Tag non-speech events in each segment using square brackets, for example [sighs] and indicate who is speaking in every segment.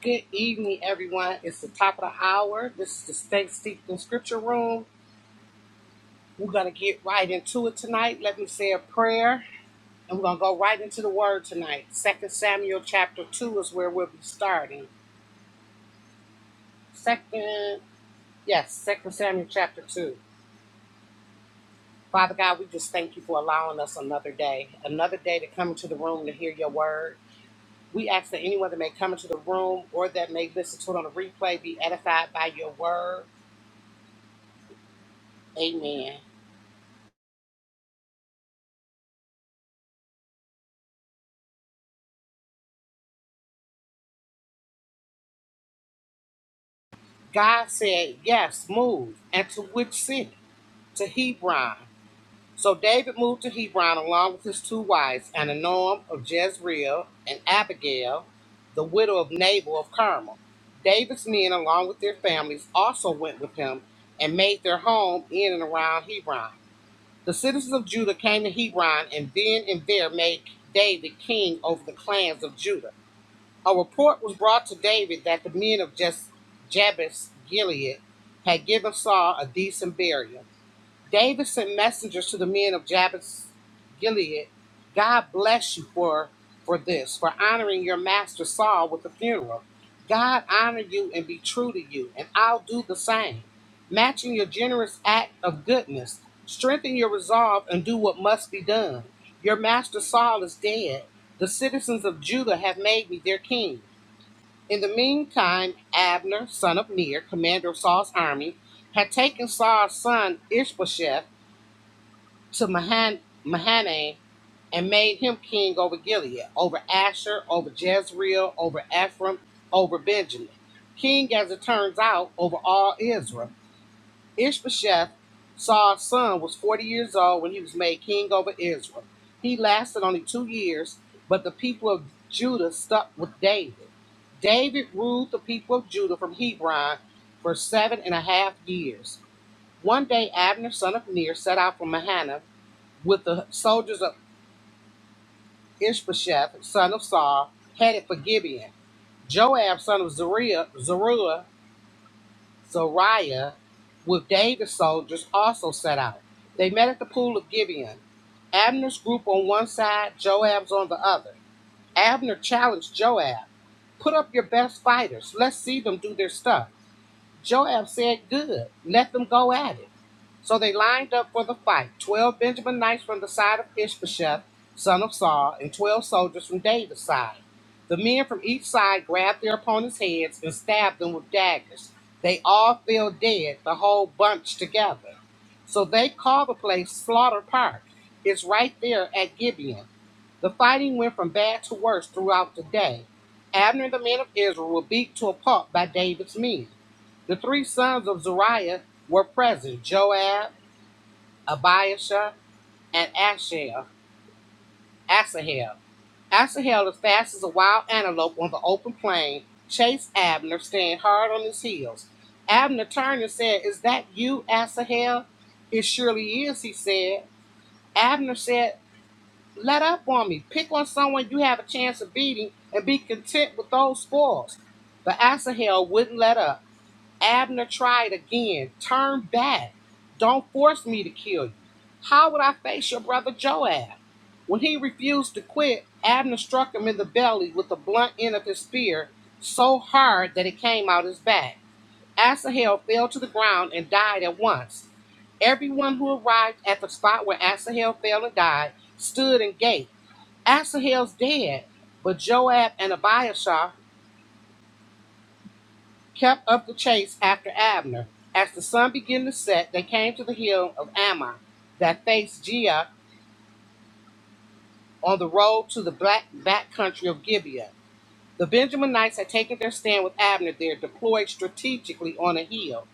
Speaker 1: Good evening, everyone. It's the top of the hour. This is the State Steeped in Scripture Room. We're going to get right into it tonight. Let me say a prayer, and we're going to go right into the Word tonight. Second Samuel chapter 2 is where we'll be starting. Second, yes, Second Samuel chapter 2. Father God, we just thank you for allowing us another day, another day to come into the room to hear your Word. We ask that anyone that may come into the room or that may listen to it on the replay be edified by your Word. Amen. God said, Yes, move. And to which city? To Hebron. So David moved to Hebron along with his two wives, and Anoam of Jezreel, and Abigail, the widow of Nabal of Carmel. David's men, along with their families, also went with him and made their home in and around Hebron. The citizens of Judah came to Hebron and then and there made David king over the clans of Judah. A report was brought to David that the men of Jabesh Gilead had given Saul a decent burial. David sent messengers to the men of Jabesh Gilead. God bless you for, for this, for honoring your master Saul with the funeral. God honor you and be true to you, and I'll do the same. Matching your generous act of goodness, strengthen your resolve and do what must be done. Your master Saul is dead. The citizens of Judah have made me their king. In the meantime, Abner, son of Ner, commander of Saul's army, had taken Saul's son Ishbosheth to Mahan- Mahanaim and made him king over Gilead, over Asher, over Jezreel, over Ephraim, over Benjamin, king, as it turns out, over all Israel Ishbosheth, Saul's son, was 40 years old when he was made king over Israel. He lasted only two years, but the people of Judah stuck with David. David ruled the people of Judah from Hebron for seven and a half years. One day, Abner, son of Ner, set out from Mahanaim with the soldiers of Ishbosheth, son of Saul, headed for Gibeon. Joab, son of Zeruiah, Zariah with David's soldiers also set out. They met at the pool of Gibeon. Abner's group on one side, Joab's on the other. Abner challenged Joab, Put up your best fighters. Let's see them do their stuff. Joab said, Good, let them go at it. So they lined up for the fight twelve Benjamin knights from the side of Ishbosheth, son of Saul, and twelve soldiers from David's side. The men from each side grabbed their opponents' heads and stabbed them with daggers. They all fell dead, the whole bunch together. So they called the place Slaughter Park. It's right there at Gibeon. The fighting went from bad to worse throughout the day. Abner and the men of Israel were beat to a pulp by David's men. The three sons of Zariah were present Joab, Abiashah, and Asahel. Asahel. Asahel, as fast as a wild antelope on the open plain, chased Abner, staying hard on his heels. Abner turned and said, Is that you, Asahel? It surely is, he said. Abner said, Let up on me. Pick on someone you have a chance of beating and be content with those spoils. But Asahel wouldn't let up. Abner tried again. Turn back. Don't force me to kill you. How would I face your brother Joab? When he refused to quit, Abner struck him in the belly with the blunt end of his spear so hard that it came out his back. Asahel fell to the ground and died at once. Everyone who arrived at the spot where Asahel fell and died stood and gaped. Asahel's dead, but Joab and Abiashar kept up the chase after Abner. As the sun began to set, they came to the hill of Ammon that faced Gia on the road to the black back country of Gibeah. The Benjaminites had taken their stand with Abner there, deployed strategically on a hill.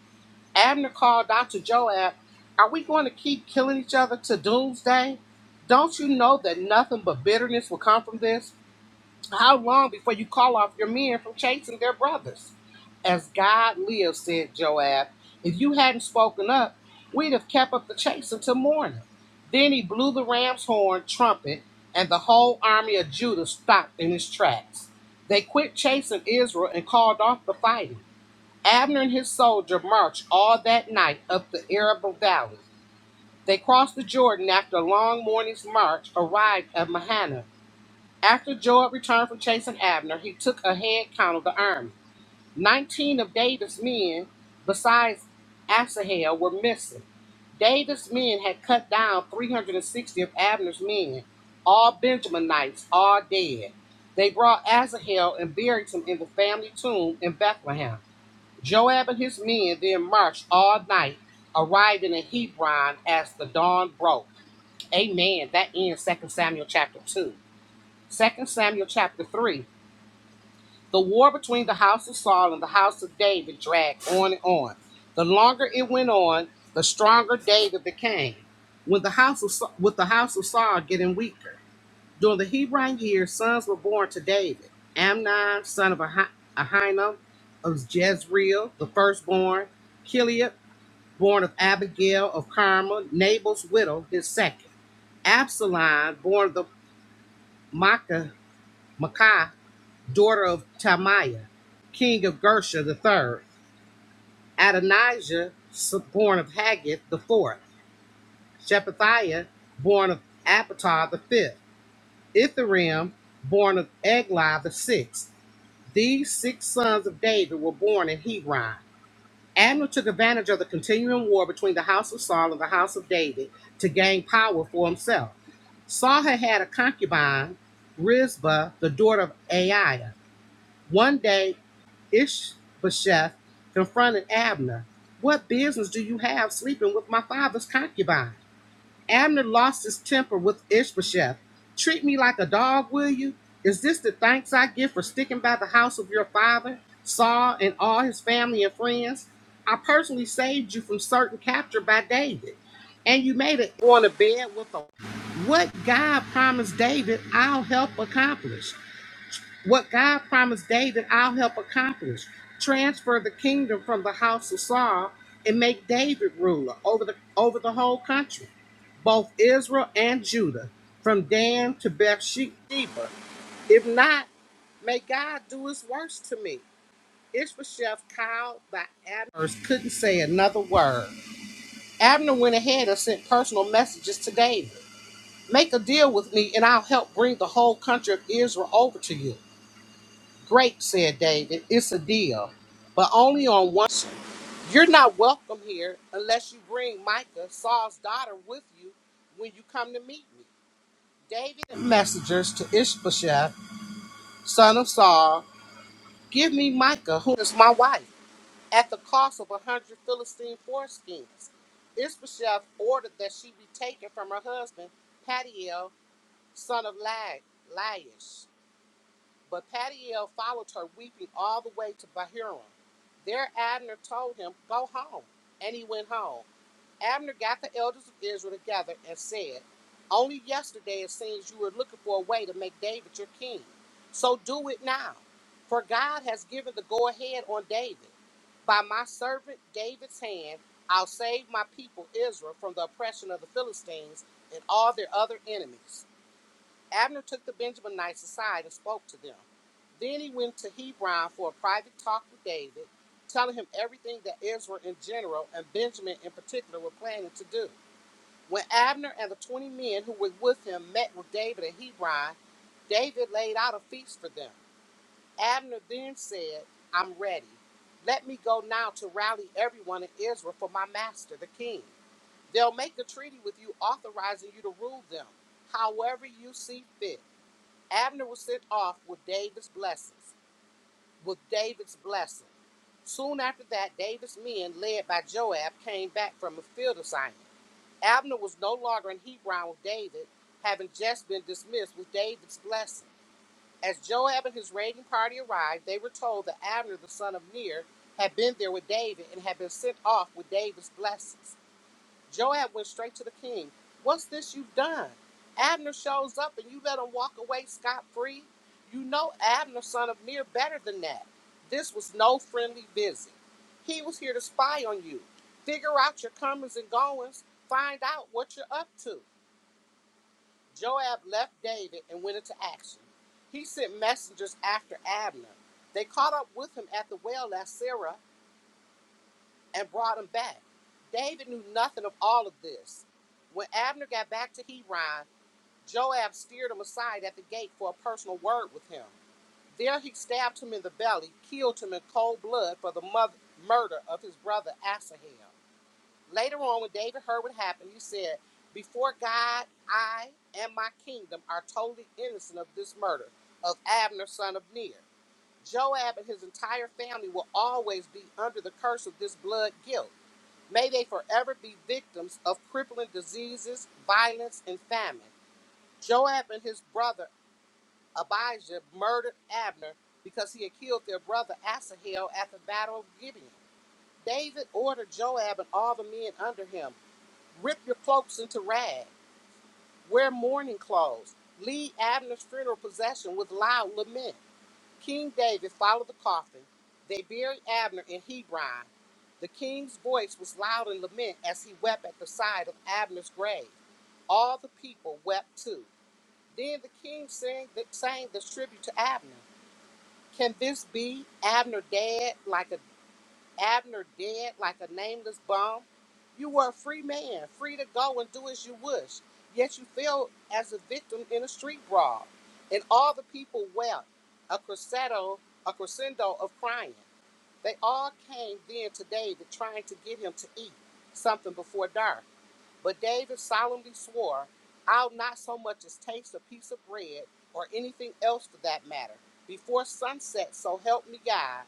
Speaker 1: Abner called out to Joab, Are we going to keep killing each other to doomsday? Don't you know that nothing but bitterness will come from this? How long before you call off your men from chasing their brothers? As God lives, said Joab, if you hadn't spoken up, we'd have kept up the chase until morning. Then he blew the ram's horn, trumpet, and the whole army of Judah stopped in its tracks. They quit chasing Israel and called off the fighting. Abner and his soldier marched all that night up the Arable Valley. They crossed the Jordan after a long morning's march, arrived at Mahanaim after Joab returned from chasing Abner, he took a head count of the army. Nineteen of David's men, besides Asahel, were missing. David's men had cut down 360 of Abner's men, all Benjaminites, all dead. They brought Asahel and buried him in the family tomb in Bethlehem. Joab and his men then marched all night, arriving in Hebron as the dawn broke. Amen. That ends 2 Samuel chapter 2. Second Samuel chapter 3. The war between the house of Saul and the house of David dragged on and on. The longer it went on, the stronger David became. When the house of with the house of Saul getting weaker. During the Hebron years, sons were born to David. Amnon, son of Ah- Ahinoam of Jezreel, the firstborn. Kiliab, born of Abigail of Carmel, Nabal's widow, his second. Absalom, born of the Makkah, daughter of Talmiah, king of Gershon the third, Adonijah, born of Haggith the fourth, Shephatiah, born of Apatar the fifth, Ithream, born of Eglah the sixth. These six sons of David were born in Hebron. Abner took advantage of the continuing war between the house of Saul and the house of David to gain power for himself. Saul had had a concubine, Rizbah, the daughter of Aiah. One day, Ishbosheth confronted Abner. What business do you have sleeping with my father's concubine? Abner lost his temper with Ishbosheth. Treat me like a dog, will you? Is this the thanks I give for sticking by the house of your father, Saul, and all his family and friends? I personally saved you from certain capture by David, and you made it on a bed with a what God promised David, I'll help accomplish what God promised David, I'll help accomplish. Transfer the kingdom from the house of Saul and make David ruler over the over the whole country, both Israel and Judah, from Dan to Bathsheba. If not, may God do His worst to me. Ishbosheth called by Abner's couldn't say another word. Abner went ahead and sent personal messages to David. Make a deal with me, and I'll help bring the whole country of Israel over to you. Great, said David. It's a deal, but only on one. You're not welcome here unless you bring Micah, Saul's daughter, with you when you come to meet me. David and messengers to Ishbosheth, son of Saul, give me Micah, who is my wife, at the cost of a hundred Philistine foreskins. Ishbosheth ordered that she be taken from her husband, Padiel, son of Lag, Laish. But Patiel followed her, weeping all the way to Bahurim. There Abner told him, Go home. And he went home. Abner got the elders of Israel together and said, Only yesterday it seems you were looking for a way to make David your king. So do it now. For God has given the go ahead on David. By my servant David's hand, I'll save my people Israel from the oppression of the Philistines and all their other enemies. Abner took the Benjaminites aside and spoke to them. Then he went to Hebron for a private talk with David, telling him everything that Israel in general and Benjamin in particular were planning to do. When Abner and the 20 men who were with him met with David at Hebron, David laid out a feast for them. Abner then said, I'm ready. Let me go now to rally everyone in Israel for my master, the king. They'll make a treaty with you authorizing you to rule them however you see fit. Abner was sent off with David's blessings, with David's blessing. Soon after that, David's men, led by Joab, came back from a field assignment. Abner was no longer in Hebron with David, having just been dismissed with David's blessing. As Joab and his raiding party arrived, they were told that Abner, the son of Ner, had been there with David and had been sent off with David's blessings. Joab went straight to the king. What's this you've done? Abner shows up and you let him walk away scot free? You know Abner, son of Ner, better than that. This was no friendly visit. He was here to spy on you, figure out your comings and goings, find out what you're up to. Joab left David and went into action. He sent messengers after Abner. They caught up with him at the well at Sarah and brought him back. David knew nothing of all of this. When Abner got back to Hebron, Joab steered him aside at the gate for a personal word with him. There he stabbed him in the belly, killed him in cold blood for the mother, murder of his brother Asahel. Later on, when David heard what happened, he said, Before God, I and my kingdom are totally innocent of this murder of Abner, son of Ner. Joab and his entire family will always be under the curse of this blood guilt. May they forever be victims of crippling diseases, violence, and famine. Joab and his brother Abijah murdered Abner because he had killed their brother Asahel at the Battle of Gibeon. David ordered Joab and all the men under him rip your cloaks into rags, wear mourning clothes, lead Abner's funeral procession with loud lament. King David followed the coffin. They buried Abner in Hebron. The king's voice was loud in lament as he wept at the side of Abner's grave. All the people wept too. Then the king sang, sang this tribute to Abner Can this be Abner dead like a Abner dead like a nameless bomb. You were a free man, free to go and do as you wish. Yet you fell as a victim in a street brawl. And all the people wept, a crescendo, a crescendo of crying. They all came then today to trying to get him to eat something before dark. But David solemnly swore, I'll not so much as taste a piece of bread or anything else for that matter before sunset, so help me God.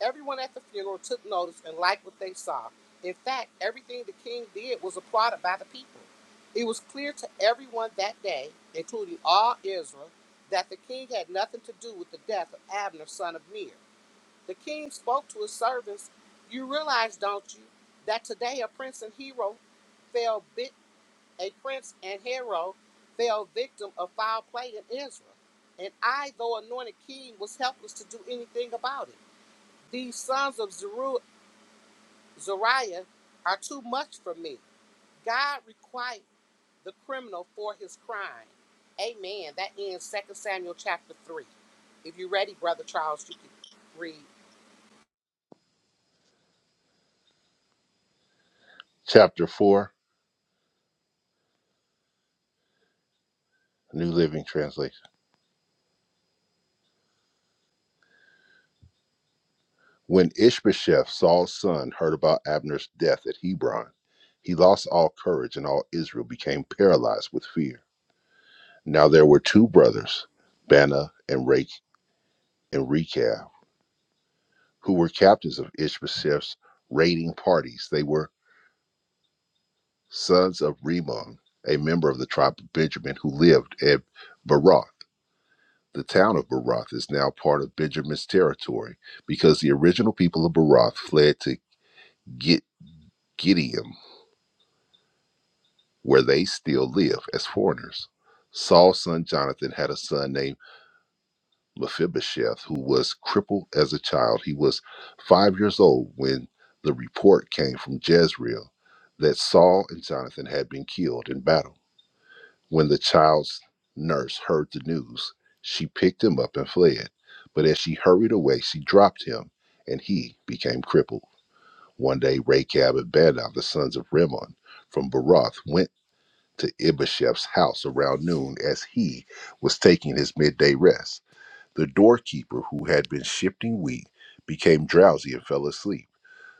Speaker 1: Everyone at the funeral took notice and liked what they saw. In fact, everything the king did was applauded by the people. It was clear to everyone that day, including all Israel, that the king had nothing to do with the death of Abner, son of Ner. The king spoke to his servants. You realize, don't you, that today a prince and hero fell bit a prince and hero fell victim of foul play in Israel. And I, though anointed king, was helpless to do anything about it. These sons of Zeru- Zariah are too much for me. God requite the criminal for his crime. Amen. That ends Second Samuel chapter 3. If you're ready, Brother Charles, you can read.
Speaker 2: Chapter 4, New Living Translation. When Ishbosheth, Saul's son, heard about Abner's death at Hebron, he lost all courage and all Israel became paralyzed with fear. Now there were two brothers, Bana and Rake and Rechab, who were captains of Ishbosheth's raiding parties. They were sons of Rimmon, a member of the tribe of Benjamin who lived at Baroth. The town of Baroth is now part of Benjamin's territory because the original people of Baroth fled to Gi- Gideon, where they still live as foreigners. Saul's son Jonathan had a son named Mephibosheth who was crippled as a child. He was five years old when the report came from Jezreel that Saul and Jonathan had been killed in battle. When the child's nurse heard the news, she picked him up and fled. But as she hurried away, she dropped him and he became crippled. One day, Rechab and Badon, the sons of Rimmon from Baroth, went to Ibashev's house around noon as he was taking his midday rest. The doorkeeper, who had been shifting wheat, became drowsy and fell asleep.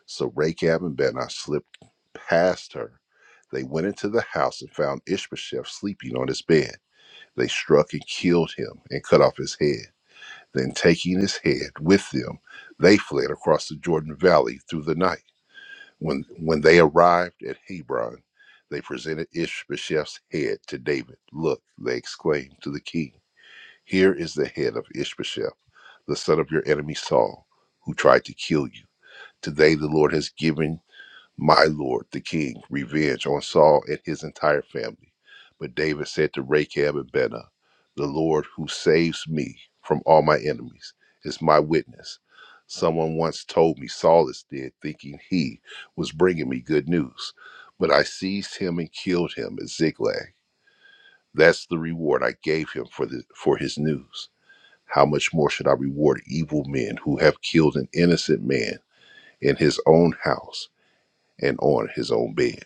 Speaker 2: So Rachab and Benai slipped past her. They went into the house and found Ishbosheth sleeping on his bed. They struck and killed him and cut off his head. Then, taking his head with them, they fled across the Jordan Valley through the night. When when they arrived at Hebron, they presented Ishbosheth's head to David. Look, they exclaimed to the king, Here is the head of Ishbosheth, the son of your enemy Saul, who tried to kill you. Today the Lord has given my lord, the king, revenge on Saul and his entire family. But David said to Rechab and Benah, The Lord who saves me from all my enemies is my witness. Someone once told me Saul is dead, thinking he was bringing me good news. But I seized him and killed him at Ziklag. That's the reward I gave him for, the, for his news. How much more should I reward evil men who have killed an innocent man in his own house and on his own bed?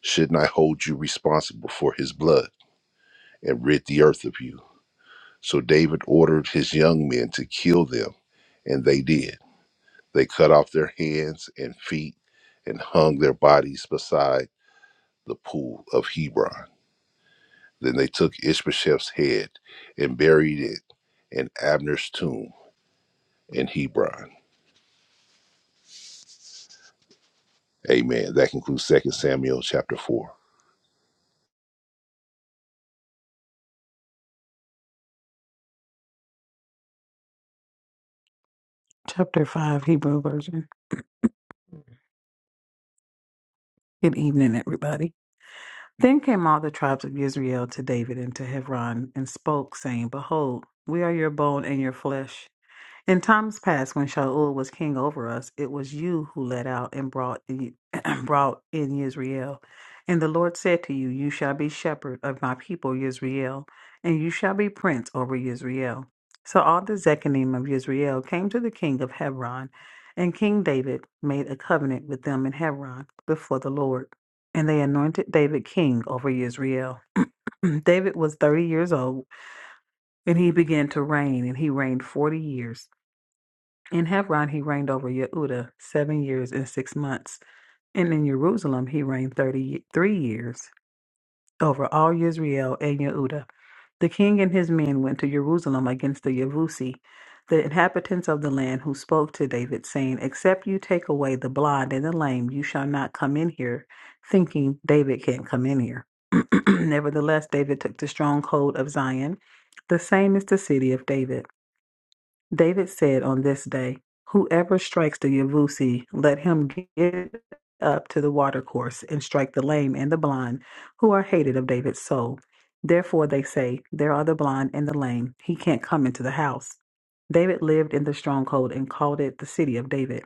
Speaker 2: Shouldn't I hold you responsible for his blood and rid the earth of you? So David ordered his young men to kill them, and they did. They cut off their hands and feet and hung their bodies beside the pool of Hebron. Then they took Ishbosheth's head and buried it in Abner's tomb in Hebron. Amen. That concludes Second Samuel chapter 4.
Speaker 3: Chapter 5, Hebrew Version. Good evening, everybody. Then came all the tribes of Israel to David and to Hebron and spoke, saying, Behold, we are your bone and your flesh. In times past, when Shaul was king over us, it was you who led out and brought in, [clears throat] brought in Israel. And the Lord said to you, You shall be shepherd of my people Israel, and you shall be prince over Israel. So all the Zechariah of Israel came to the king of Hebron, and King David made a covenant with them in Hebron before the Lord. And they anointed David king over Israel. [clears throat] David was 30 years old, and he began to reign, and he reigned 40 years. In Hebron he reigned over Yehuda seven years and six months, and in Jerusalem he reigned thirty-three years over all Israel and Yehuda. The king and his men went to Jerusalem against the Yevusi, the inhabitants of the land, who spoke to David, saying, "Except you take away the blind and the lame, you shall not come in here." Thinking David can't come in here. [clears throat] Nevertheless, David took the stronghold of Zion. The same is the city of David. David said on this day, Whoever strikes the Yavusi, let him get up to the watercourse and strike the lame and the blind, who are hated of David's soul. Therefore they say, There are the blind and the lame. He can't come into the house. David lived in the stronghold and called it the city of David.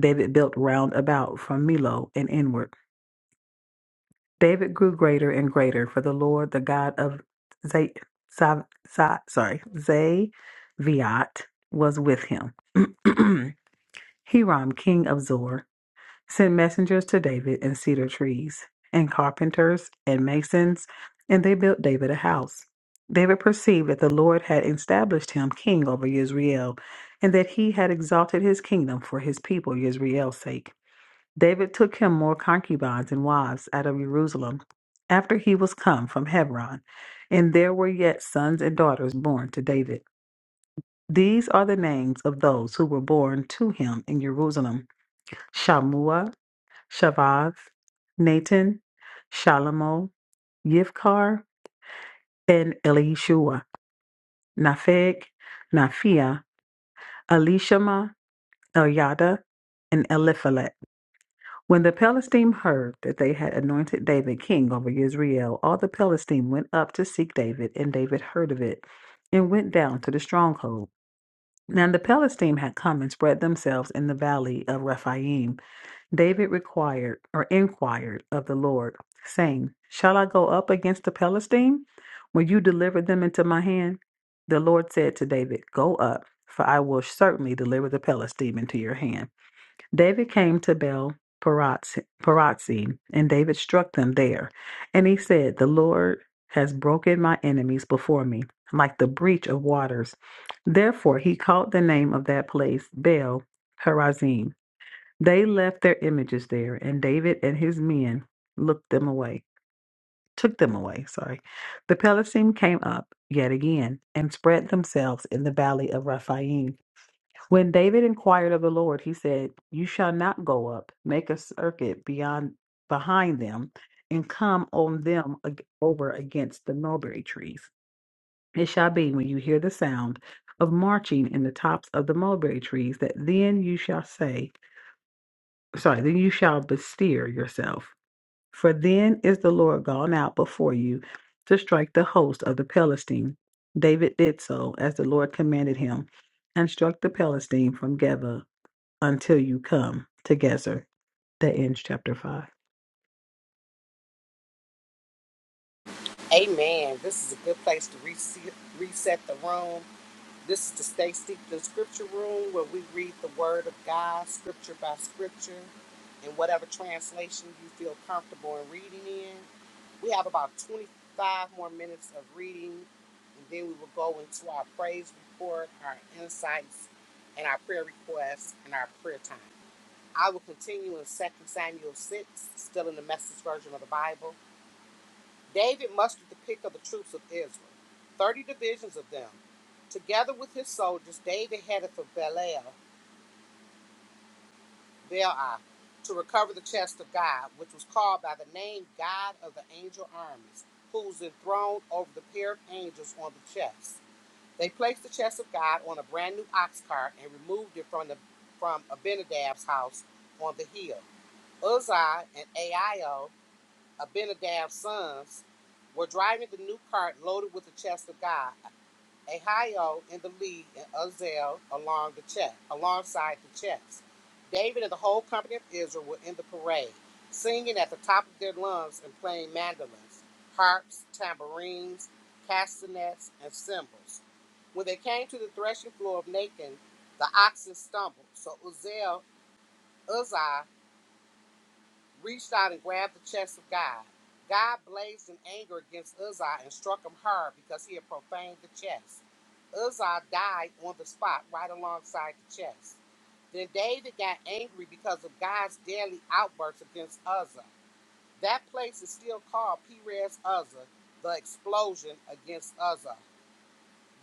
Speaker 3: David built round about from Millo and inward. David grew greater and greater, for the Lord, the God of Zay, Sa- Sa- sorry, Zaviat, was with him. [clears throat] Hiram, king of Zor, sent messengers to David and cedar trees, and carpenters and masons, and they built David a house. David perceived that the Lord had established him king over Israel, and that he had exalted his kingdom for his people Israel's sake. David took him more concubines and wives out of Jerusalem after he was come from Hebron, and there were yet sons and daughters born to David. These are the names of those who were born to him in Jerusalem. Shamua, Shavaz, Nathan, Shalomo, Yivkar, and Elishua, Napheg, Naphia, Elishama, Eliada, and Eliphalet. When the Palestine heard that they had anointed David king over Israel, all the Palestine went up to seek David, and David heard of it, and went down to the stronghold. Now the Palestine had come and spread themselves in the valley of Rephaim David required or inquired of the Lord, saying, Shall I go up against the Philistine? Will you deliver them into my hand? The Lord said to David, Go up, for I will certainly deliver the Philistine into your hand. David came to Baal Parazim, and David struck them there. And he said, The Lord has broken my enemies before me, like the breach of waters. Therefore he called the name of that place Baal Perazim. They left their images there, and David and his men looked them away, took them away, sorry. The Pelishtim came up yet again and spread themselves in the valley of Rephaim. When David inquired of the Lord, he said, You shall not go up, make a circuit beyond behind them, and come on them ag- over against the mulberry trees. It shall be when you hear the sound of marching in the tops of the mulberry trees that then you shall say, sorry, then you shall bestir yourself. For then is the Lord gone out before you to strike the host of the Philistine. David did so as the Lord commanded him, and struck the Philistine from Geba until you come to Gezer. That ends chapter 5.
Speaker 1: Amen. This is a good place to reset, reset the room. This is the Stay Steeped in Scripture room where we read the Word of God, scripture by scripture, in whatever translation you feel comfortable in reading in. We have about 25 more minutes of reading, and then we will go into our praise report, our insights, and our prayer requests, and our prayer time. I will continue in Second Samuel 6, still in the message version of the Bible. David mustered the pick of the troops of Israel, 30 divisions of them. Together with his soldiers, David headed for Belial Baal to recover the chest of God, which was called by the name God of the angel armies, who was enthroned over the pair of angels on the chest. They placed the chest of God on a brand new ox cart and removed it from the from Abinadab's house on the hill. Uzziah and Aio, Abinadab's sons, were driving the new cart loaded with the chest of God. Ahio in the lead, and Uzziel along the check, alongside the checks. David and the whole company of Israel were in the parade, singing at the top of their lungs and playing mandolins, harps, tambourines, castanets, and cymbals. When they came to the threshing floor of Nacon, the oxen stumbled, so Uzziel, Uzziah reached out and grabbed the chest of God. God blazed in anger against Uzzah and struck him hard because he had profaned the chest. Uzzah died on the spot right alongside the chest. Then David got angry because of God's daily outbursts against Uzzah. That place is still called Perez Uzzah, the explosion against Uzzah.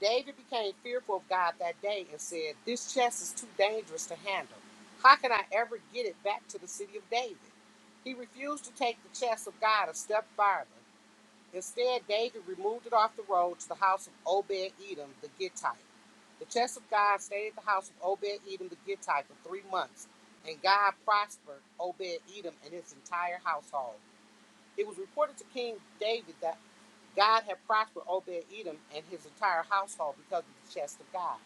Speaker 1: David became fearful of God that day and said, This chest is too dangerous to handle. How can I ever get it back to the city of David? He refused to take the chest of God a step farther. Instead, David removed it off the road to the house of Obed Edom the Gittite. The chest of God stayed at the house of Obed Edom the Gittite for three months, and God prospered Obed Edom and his entire household. It was reported to King David that. God had prospered Obed Edom and his entire household because of the chest of God.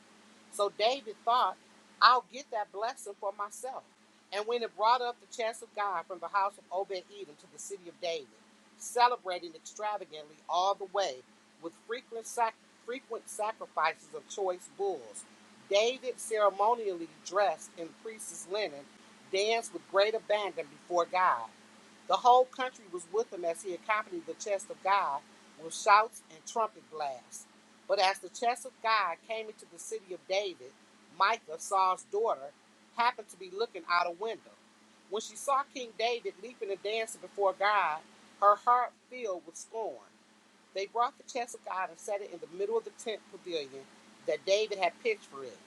Speaker 1: So David thought, I'll get that blessing for myself. And when it brought up the chest of God from the house of Obed Edom to the city of David, celebrating extravagantly all the way with frequent, sac- frequent sacrifices of choice bulls, David ceremonially dressed in priest's linen, danced with great abandon before God. The whole country was with him as he accompanied the chest of God with shouts and trumpet blasts. But as the chest of God came into the city of David, Micah, Saul's daughter, happened to be looking out a window. When she saw King David leaping and dancing before God, her heart filled with scorn. They brought the chest of God and set it in the middle of the tent pavilion that David had pitched for it.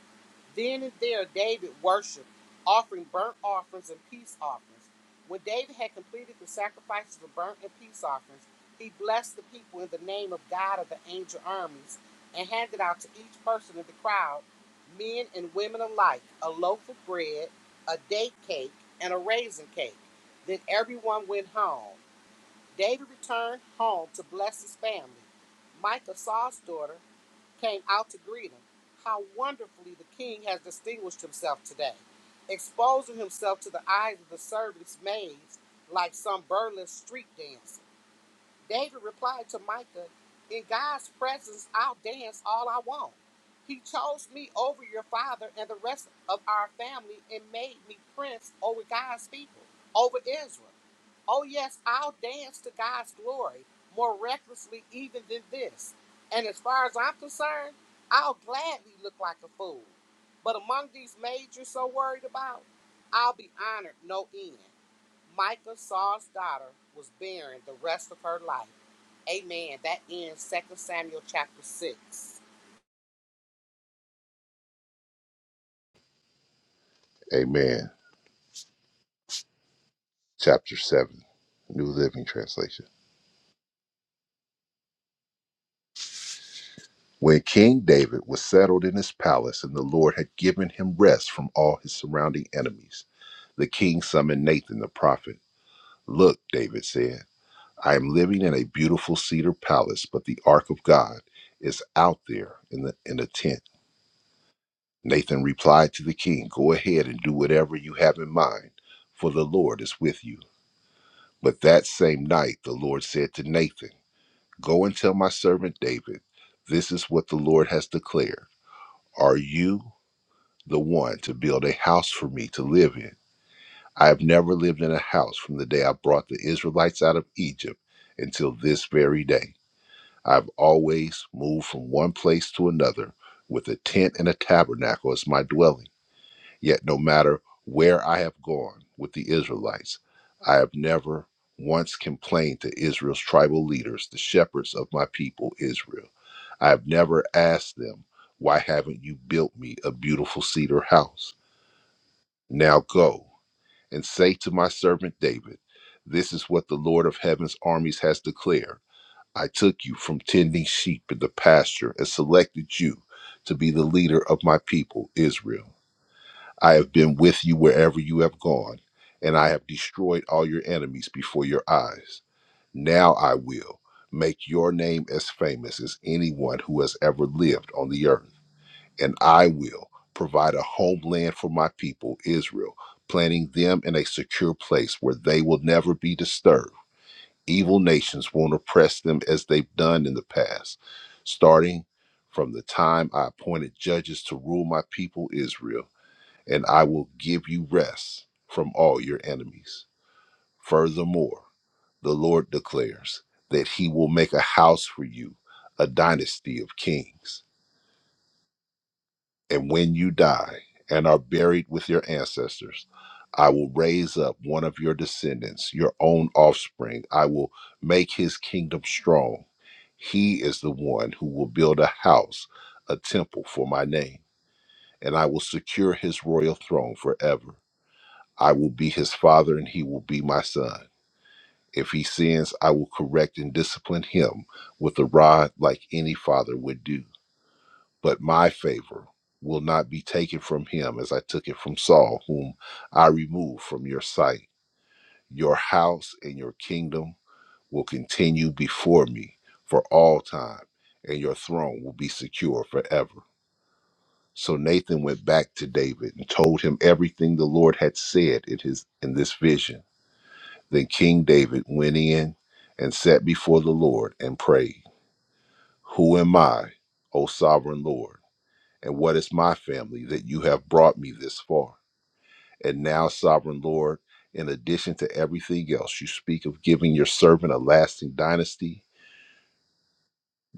Speaker 1: Then and there David worshiped, offering burnt offerings and peace offerings. When David had completed the sacrifices of burnt and peace offerings, he blessed the people in the name of God of the angel armies and handed out to each person in the crowd, men and women alike, a loaf of bread, a date cake, and a raisin cake. Then everyone went home. David returned home to bless his family. Micah, Saul's daughter, came out to greet him. How wonderfully the king has distinguished himself today, exposing himself to the eyes of the servants' maids like some burlesque street dancer. David replied to Micah, In God's presence, I'll dance all I want. He chose me over your father and the rest of our family and made me prince over God's people, over Israel. Oh, yes, I'll dance to God's glory more recklessly even than this. And as far as I'm concerned, I'll gladly look like a fool. But among these maids you're so worried about, I'll be honored no end. Micah, Saul's daughter, was barren the rest of her life. Amen. That ends Second Samuel chapter 6.
Speaker 2: Amen. Chapter 7, New Living Translation. When King David was settled in his palace and the Lord had given him rest from all his surrounding enemies, the king summoned Nathan the prophet. Look, David said, I am living in a beautiful cedar palace, but the ark of God is out there in, the, in a tent. Nathan replied to the king, Go ahead and do whatever you have in mind, for the Lord is with you. But that same night, the Lord said to Nathan, Go and tell my servant David, this is what the Lord has declared. Are you the one to build a house for me to live in. I have never lived in a house from the day I brought the Israelites out of Egypt until this very day. I've always moved from one place to another with a tent and a tabernacle as my dwelling. Yet, no matter where I have gone with the Israelites, I have never once complained to Israel's tribal leaders, the shepherds of my people, Israel. I have never asked them, Why haven't you built me a beautiful cedar house? Now go and say to my servant David, This is what the Lord of heaven's armies has declared. I took you from tending sheep in the pasture and selected you to be the leader of my people, Israel. I have been with you wherever you have gone, and I have destroyed all your enemies before your eyes. Now I will make your name as famous as anyone who has ever lived on the earth and I will provide a homeland for my people, Israel, planting them in a secure place where they will never be disturbed. Evil nations won't oppress them as they've done in the past. Starting from the time I appointed judges to rule my people, Israel, and I will give you rest from all your enemies. Furthermore, the Lord declares that he will make a house for you, a dynasty of kings And when you die and are buried with your ancestors, I will raise up one of your descendants, your own offspring. I will make his kingdom strong. He is the one who will build a house, a temple for my name, and I will secure his royal throne forever. I will be his father, and he will be my son. If he sins, I will correct and discipline him with a rod like any father would do but my favor will not be taken from him as I took it from Saul, whom I removed from your sight. Your house and your kingdom will continue before me for all time, and your throne will be secure forever. So Nathan went back to David and told him everything the Lord had said in his in this vision. Then King David went in and sat before the Lord and prayed, Who am I, O sovereign Lord? and what is my family that you have brought me this far. And now, sovereign Lord, in addition to everything else, you speak of giving your servant a lasting dynasty.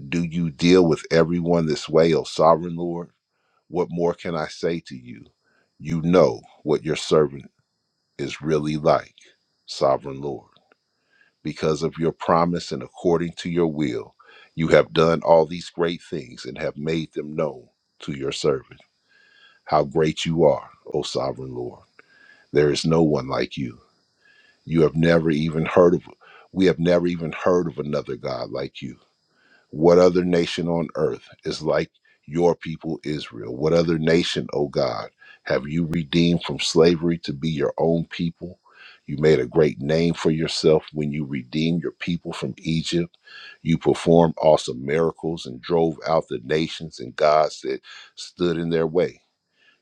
Speaker 2: Do you deal with everyone this way, O sovereign Lord? What more can I say to you? You know what your servant is really like, sovereign Lord. Because of your promise and according to your will, you have done all these great things and have made them known to your servant. How great you are, O sovereign Lord. There is no one like you. You have never even heard of, we have never even heard of another God like you. What other nation on earth is like your people Israel? What other nation, O God, have you redeemed from slavery to be your own people? You made a great name for yourself when you redeemed your people from Egypt. You performed awesome miracles and drove out the nations and gods that stood in their way.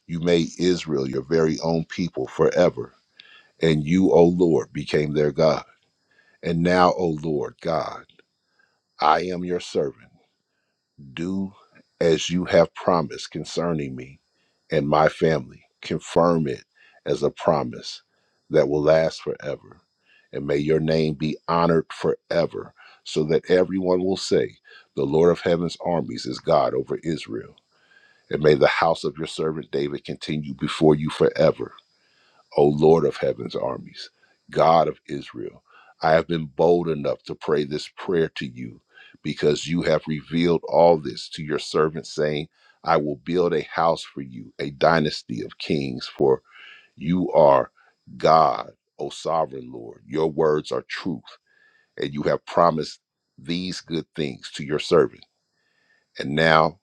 Speaker 2: You made Israel your very own people forever and you, O Lord, became their God. And now, O Lord God, I am your servant. Do as you have promised concerning me and my family. Confirm it as a promise that will last forever. And may your name be honored forever, so that everyone will say, The Lord of heaven's armies is God over Israel. And may the house of your servant David continue before you forever O Lord of heaven's armies, God of Israel, I have been bold enough to pray this prayer to you because you have revealed all this to your servant, saying, I will build a house for you, a dynasty of kings, for you are God, O sovereign Lord. Your words are truth, and you have promised these good things to your servant. And now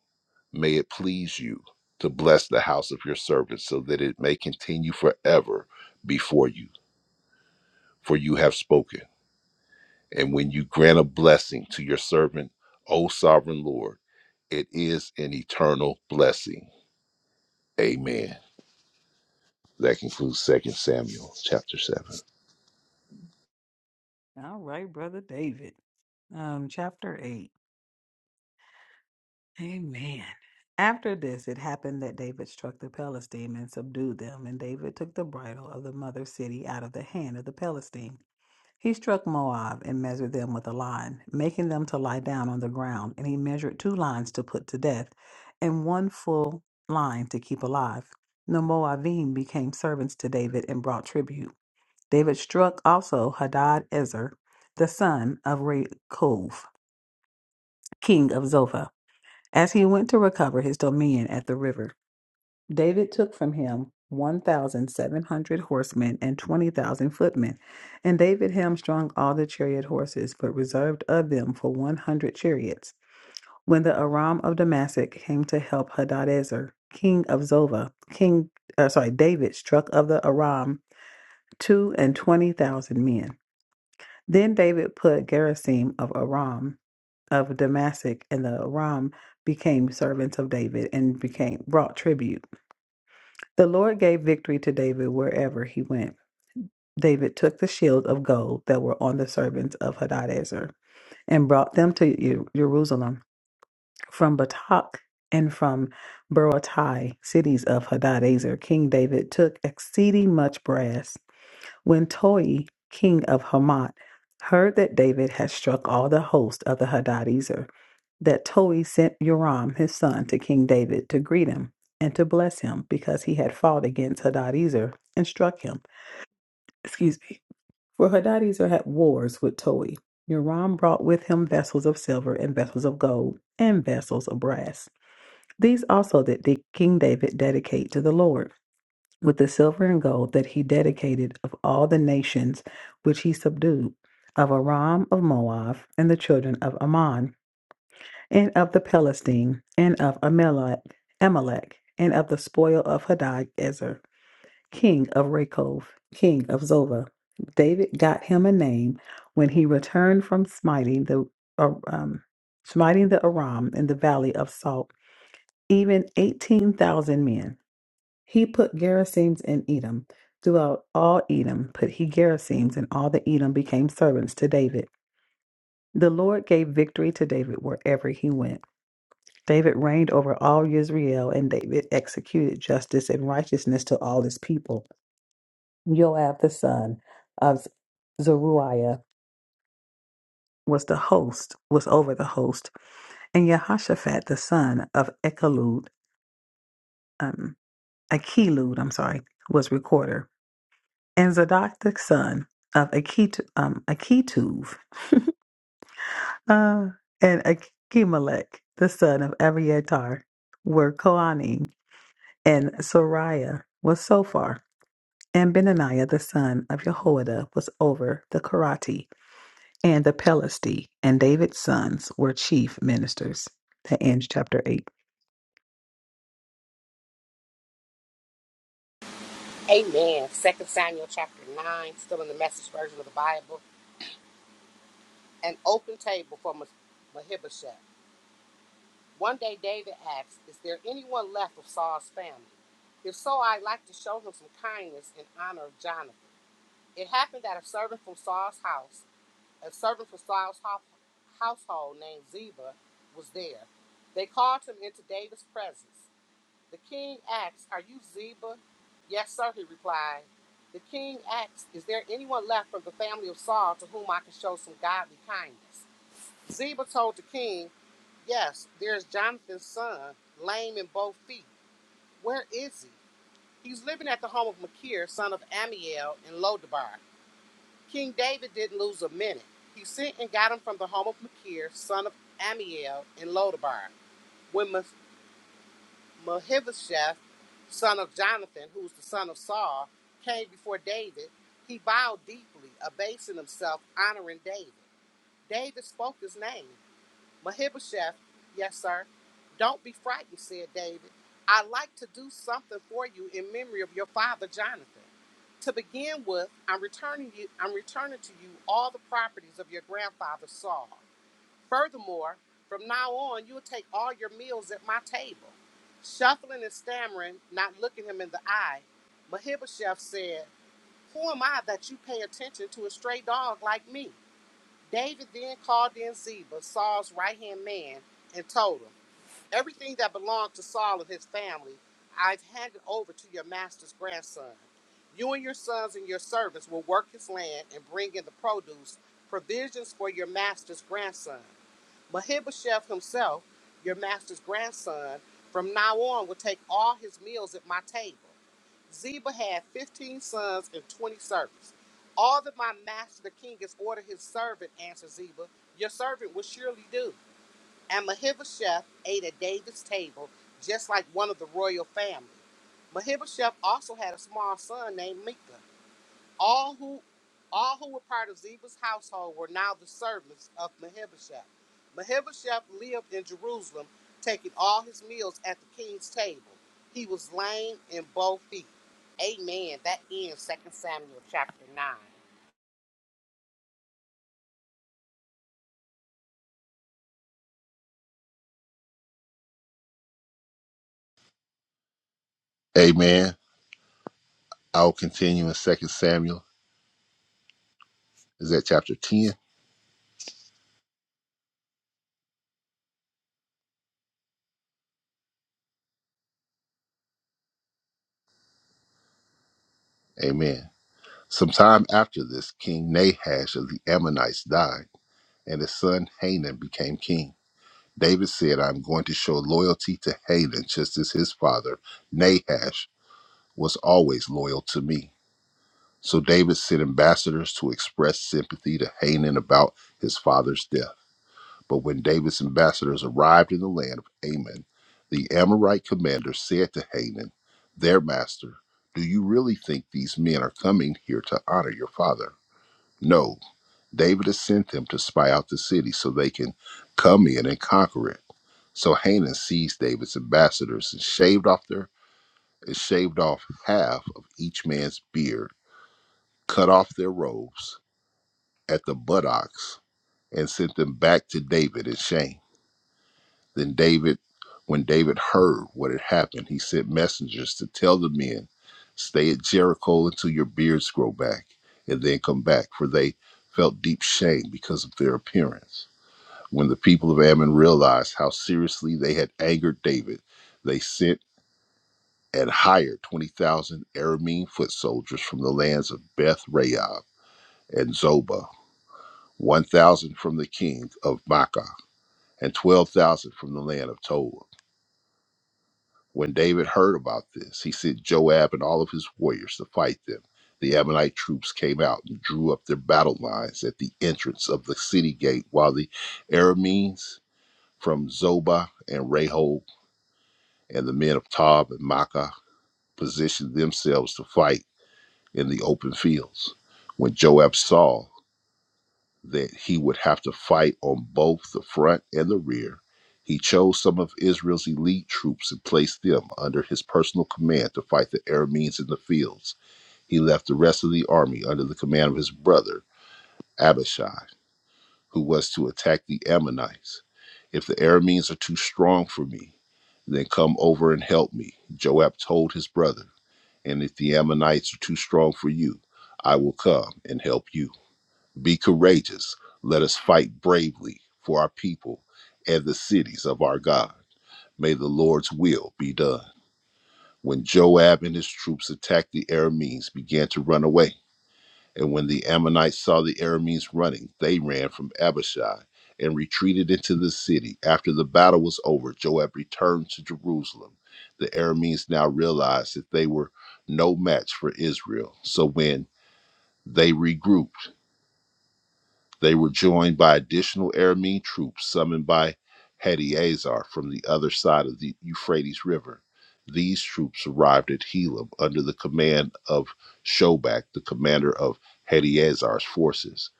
Speaker 2: may it please you to bless the house of your servant so that it may continue forever before you for you have spoken. And when you grant a blessing to your servant, O sovereign Lord, it is an eternal blessing. Amen. That concludes Second Samuel chapter 7.
Speaker 3: All right, Brother David. Um, chapter 8. Amen. After this, it happened that David struck the Philistine and subdued them, and David took the bridle of the mother city out of the hand of the Philistine. He struck Moab and measured them with a line, making them to lie down on the ground. And he measured two lines to put to death, and one full line to keep alive. The Moabim became servants to David and brought tribute. David struck also Hadad Ezer, the son of Rechov, king of Zophah, as he went to recover his dominion at the river. David took from him 1,700 horsemen and 20,000 footmen. And David hamstrung all the chariot horses, but reserved of them for 100 chariots. When the Aram of Damascus came to help Hadadezer, king of Zobah, king, uh, sorry, David struck of the Aram two and 20,000 men. Then David put Gerasim of Aram of Damascus, and the Aram became servants of David and became brought tribute. The Lord gave victory to David wherever he went. David took the shield of gold that were on the servants of Hadadezer and brought them to Ye- Jerusalem from Batak and from Berotai, cities of Hadadezer. King David took exceeding much brass when Toi, king of Hamath, heard that David had struck all the host of the Hadadezer, that Toi sent Joram his son to King David to greet him and to bless him because he had fought against Hadadezer and struck him. Excuse me. For Hadadezer had wars with Toi. Joram brought with him vessels of silver and vessels of gold and vessels of brass. These also did King David dedicate to the Lord with the silver and gold that he dedicated of all the nations which he subdued, of Aram of Moab, and the children of Ammon, and of the Palestine, and of Amalek, Amalek, and of the spoil of Hadad Ezer, king of Rehob, king of Zobah. David got him a name when he returned from smiting the uh, um, smiting the Aram in the valley of Salt, even eighteen thousand men. He put garrisons in Edom. Throughout all Edom put he garrisons, and all the Edom became servants to David. The Lord gave victory to David wherever he went. David reigned over all Israel, and David executed justice and righteousness to all his people. Joab the son of Zeruiah was the host, was over the host, and Jehoshaphat the son of Echelud, um, Achilud, I'm sorry, was recorder. and Zadok son of Akit, um, Akituv uh, and Akimelech the son of Abiatar were Kohanim, and Sariah was Sophar, and Benaniah the son of Jehoiada was over the Karati. and the Pelasti and David's sons were chief ministers. That ends chapter 8.
Speaker 1: Amen. Second Samuel chapter 9, still in the message version of the Bible. An open table for Mah- Mephibosheth. One day David asked, Is there anyone left of Saul's family? If so, I'd like to show him some kindness in honor of Jonathan. It happened that a servant from Saul's house A servant from Saul's household named Ziba was there. They called him into David's presence. The king asked, Are you Ziba? Yes, sir, he replied. The king asked, Is there anyone left from the family of Saul to whom I can show some godly kindness? Ziba told the king, Yes, there's Jonathan's son, lame in both feet. Where is he? He's living at the home of Machir, son of Amiel, in Lodabar. King David didn't lose a minute. He sent and got him from the home of Machir, son of Ammiel, in Lodabar. When Meph- Mephibosheth, son of Jonathan, who was the son of Saul, came before David, he bowed deeply, abasing himself, honoring David. David spoke his name, Mephibosheth, yes, sir. Don't be frightened, said David. I'd like to do something for you in memory of your father Jonathan. To begin with, I'm returning you I'm returning to you all the properties of your grandfather Saul. Furthermore, from now on you'll take all your meals at my table. Shuffling and stammering, not looking him in the eye, Mephibosheth said, Who am I that you pay attention to a stray dog like me? David then called in Ziba, Saul's right hand man, and told him, Everything that belonged to Saul and his family, I've handed over to your master's grandson. You and your sons and your servants will work his land and bring in the produce, provisions for your master's grandson. Mephibosheth himself, your master's grandson, from now on will take all his meals at my table. Ziba had 15 sons and 20 servants. All that my master the king has ordered his servant, answered Ziba, your servant will surely do. And Mephibosheth ate at David's table, just like one of the royal family. Mephibosheth also had a small son named Micah. All who all who were part of Ziba's household were now the servants of Mephibosheth. Mephibosheth lived in Jerusalem, taking all his meals at the king's table. He was lame in both feet. Amen. That ends Second Samuel chapter 9.
Speaker 2: Amen. I'll continue in Second Samuel. Is that chapter 10? Amen. Sometime after this, King Nahash of the Ammonites died, and his son Hanan became king. David said, I'm going to show loyalty to Hanan just as his father, Nahash, was always loyal to me. So David sent ambassadors to express sympathy to Hanan about his father's death. But when David's ambassadors arrived in the land of Ammon, the Amorite commander said to Hanan, their master, Do you really think these men are coming here to honor your father? No, David has sent them to spy out the city so they can come in and conquer it. So Hanan seized David's ambassadors and shaved off their and shaved off half of each man's beard, cut off their robes at the buttocks and sent them back to David in shame. Then David, when David heard what had happened, he sent messengers to tell the men, Stay at Jericho until your beards grow back, and then come back, for they felt deep shame because of their appearance. When the people of Ammon realized how seriously they had angered David, they sent and hired 20,000 Aramean foot soldiers from the lands of Beth Rahab and Zobah, 1,000 from the king of Makkah and 12,000 from the land of Tob. When David heard about this, he sent Joab and all of his warriors to fight them. The Ammonite troops came out and drew up their battle lines at the entrance of the city gate, while the Arameans from Zobah and Rehob and the men of Tob and Makkah positioned themselves to fight in the open fields. When Joab saw that he would have to fight on both the front and the rear. He chose some of Israel's elite troops and placed them under his personal command to fight the Arameans in the fields. He left the rest of the army under the command of his brother, Abishai, who was to attack the Ammonites. If the Arameans are too strong for me, then come over and help me, Joab told his brother. And if the Ammonites are too strong for you, I will come and help you. Be courageous. Let us fight bravely for our people and the cities of our God. May the Lord's will be done. When Joab and his troops attacked the Arameans, began to run away. And when the Ammonites saw the Arameans running, they ran from Abishai and retreated into the city. After the battle was over, Joab returned to Jerusalem. The Arameans now realized that they were no match for Israel. So when they regrouped, They were joined by additional Aramean troops summoned by Hadaezer from the other side of the Euphrates River. These troops arrived at Helam under the command of Shobak, the commander of Hadaezer's forces.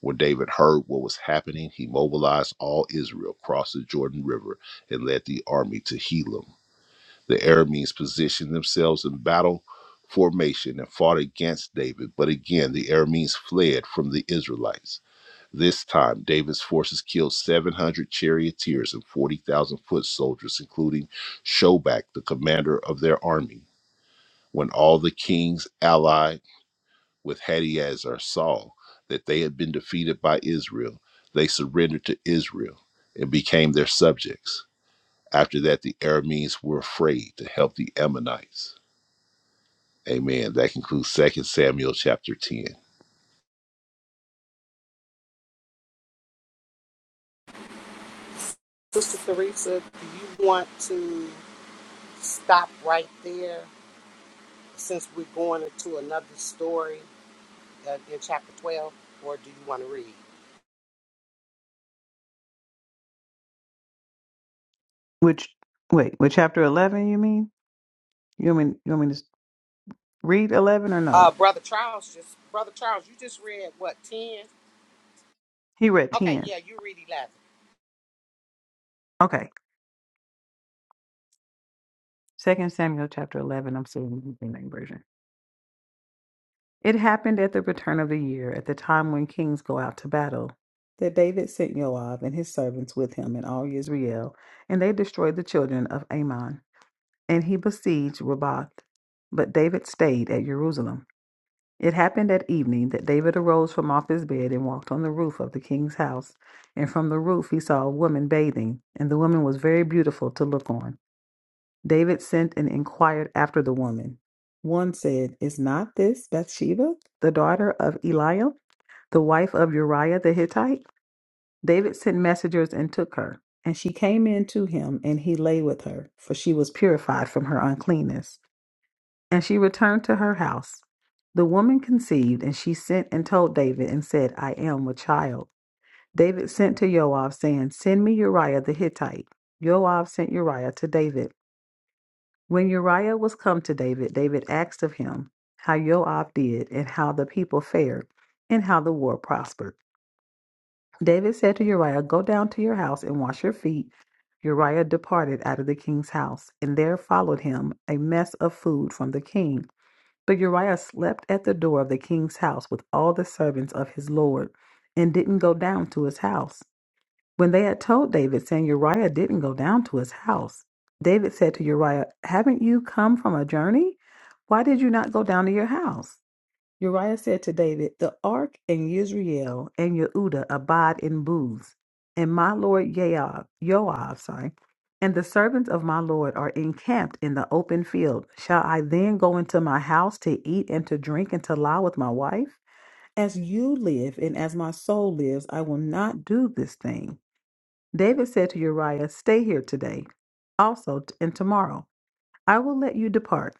Speaker 2: When David heard what was happening, he mobilized all Israel crossed the Jordan River and led the army to Helam. The Arameans positioned themselves in battle formation and fought against David, but again the Arameans fled from the Israelites. This time, David's forces killed 700 charioteers and 40,000 foot soldiers, including Shobak, the commander of their army. When all the kings allied with Hadaezer saw that they had been defeated by Israel, they surrendered to Israel and became their subjects. After that, the Arameans were afraid to help the Ammonites. Amen. That concludes Second Samuel chapter 10.
Speaker 1: Sister Theresa, do you want to stop right there since we're going into another story uh, in chapter 12, or do you want to read?
Speaker 3: Which, wait, with chapter 11, you mean? You want me, you want me to s- read 11 or
Speaker 1: Uh,
Speaker 3: no?
Speaker 1: Brother Charles just, Brother Charles, you just read what, 10?
Speaker 3: He read
Speaker 1: Okay,
Speaker 3: 10.
Speaker 1: yeah, you read 11.
Speaker 3: Okay. Second Samuel chapter 11. I'm seeing the New King James version. It happened at the return of the year, at the time when kings go out to battle, that David sent Joab and his servants with him and all Israel, and they destroyed the children of Ammon. And he besieged Rabbah, but David stayed at Jerusalem. It happened at evening that David arose from off his bed and walked on the roof of the king's house. And from the roof he saw a woman bathing, and the woman was very beautiful to look on. David sent and inquired after the woman. One said, Is not this Bathsheba, the daughter of Eliam, the wife of Uriah the Hittite? David sent messengers and took her. And she came in to him, and he lay with her, for she was purified from her uncleanness. And she returned to her house. The woman conceived, and she sent and told David, and said, I am with child. David sent to Joab, saying, Send me Uriah the Hittite. Joab sent Uriah to David. When Uriah was come to David, David asked of him how Joab did, and how the people fared, and how the war prospered. David said to Uriah, Go down to your house and wash your feet. Uriah departed out of the king's house, and there followed him a mess of food from the king. But Uriah slept at the door of the king's house with all the servants of his lord, and didn't go down to his house. When they had told David, saying, Uriah didn't go down to his house, David said to Uriah, Haven't you come from a journey? Why did you not go down to your house? Uriah said to David, The ark and Yisrael and Yehuda abide in booths, and my lord Yoab, Yoab, sorry, and the servants of my lord are encamped in the open field. Shall I then go into my house to eat and to drink and to lie with my wife? As you live and as my soul lives, I will not do this thing. David said to Uriah, Stay here today, also t- and tomorrow. I will let you depart.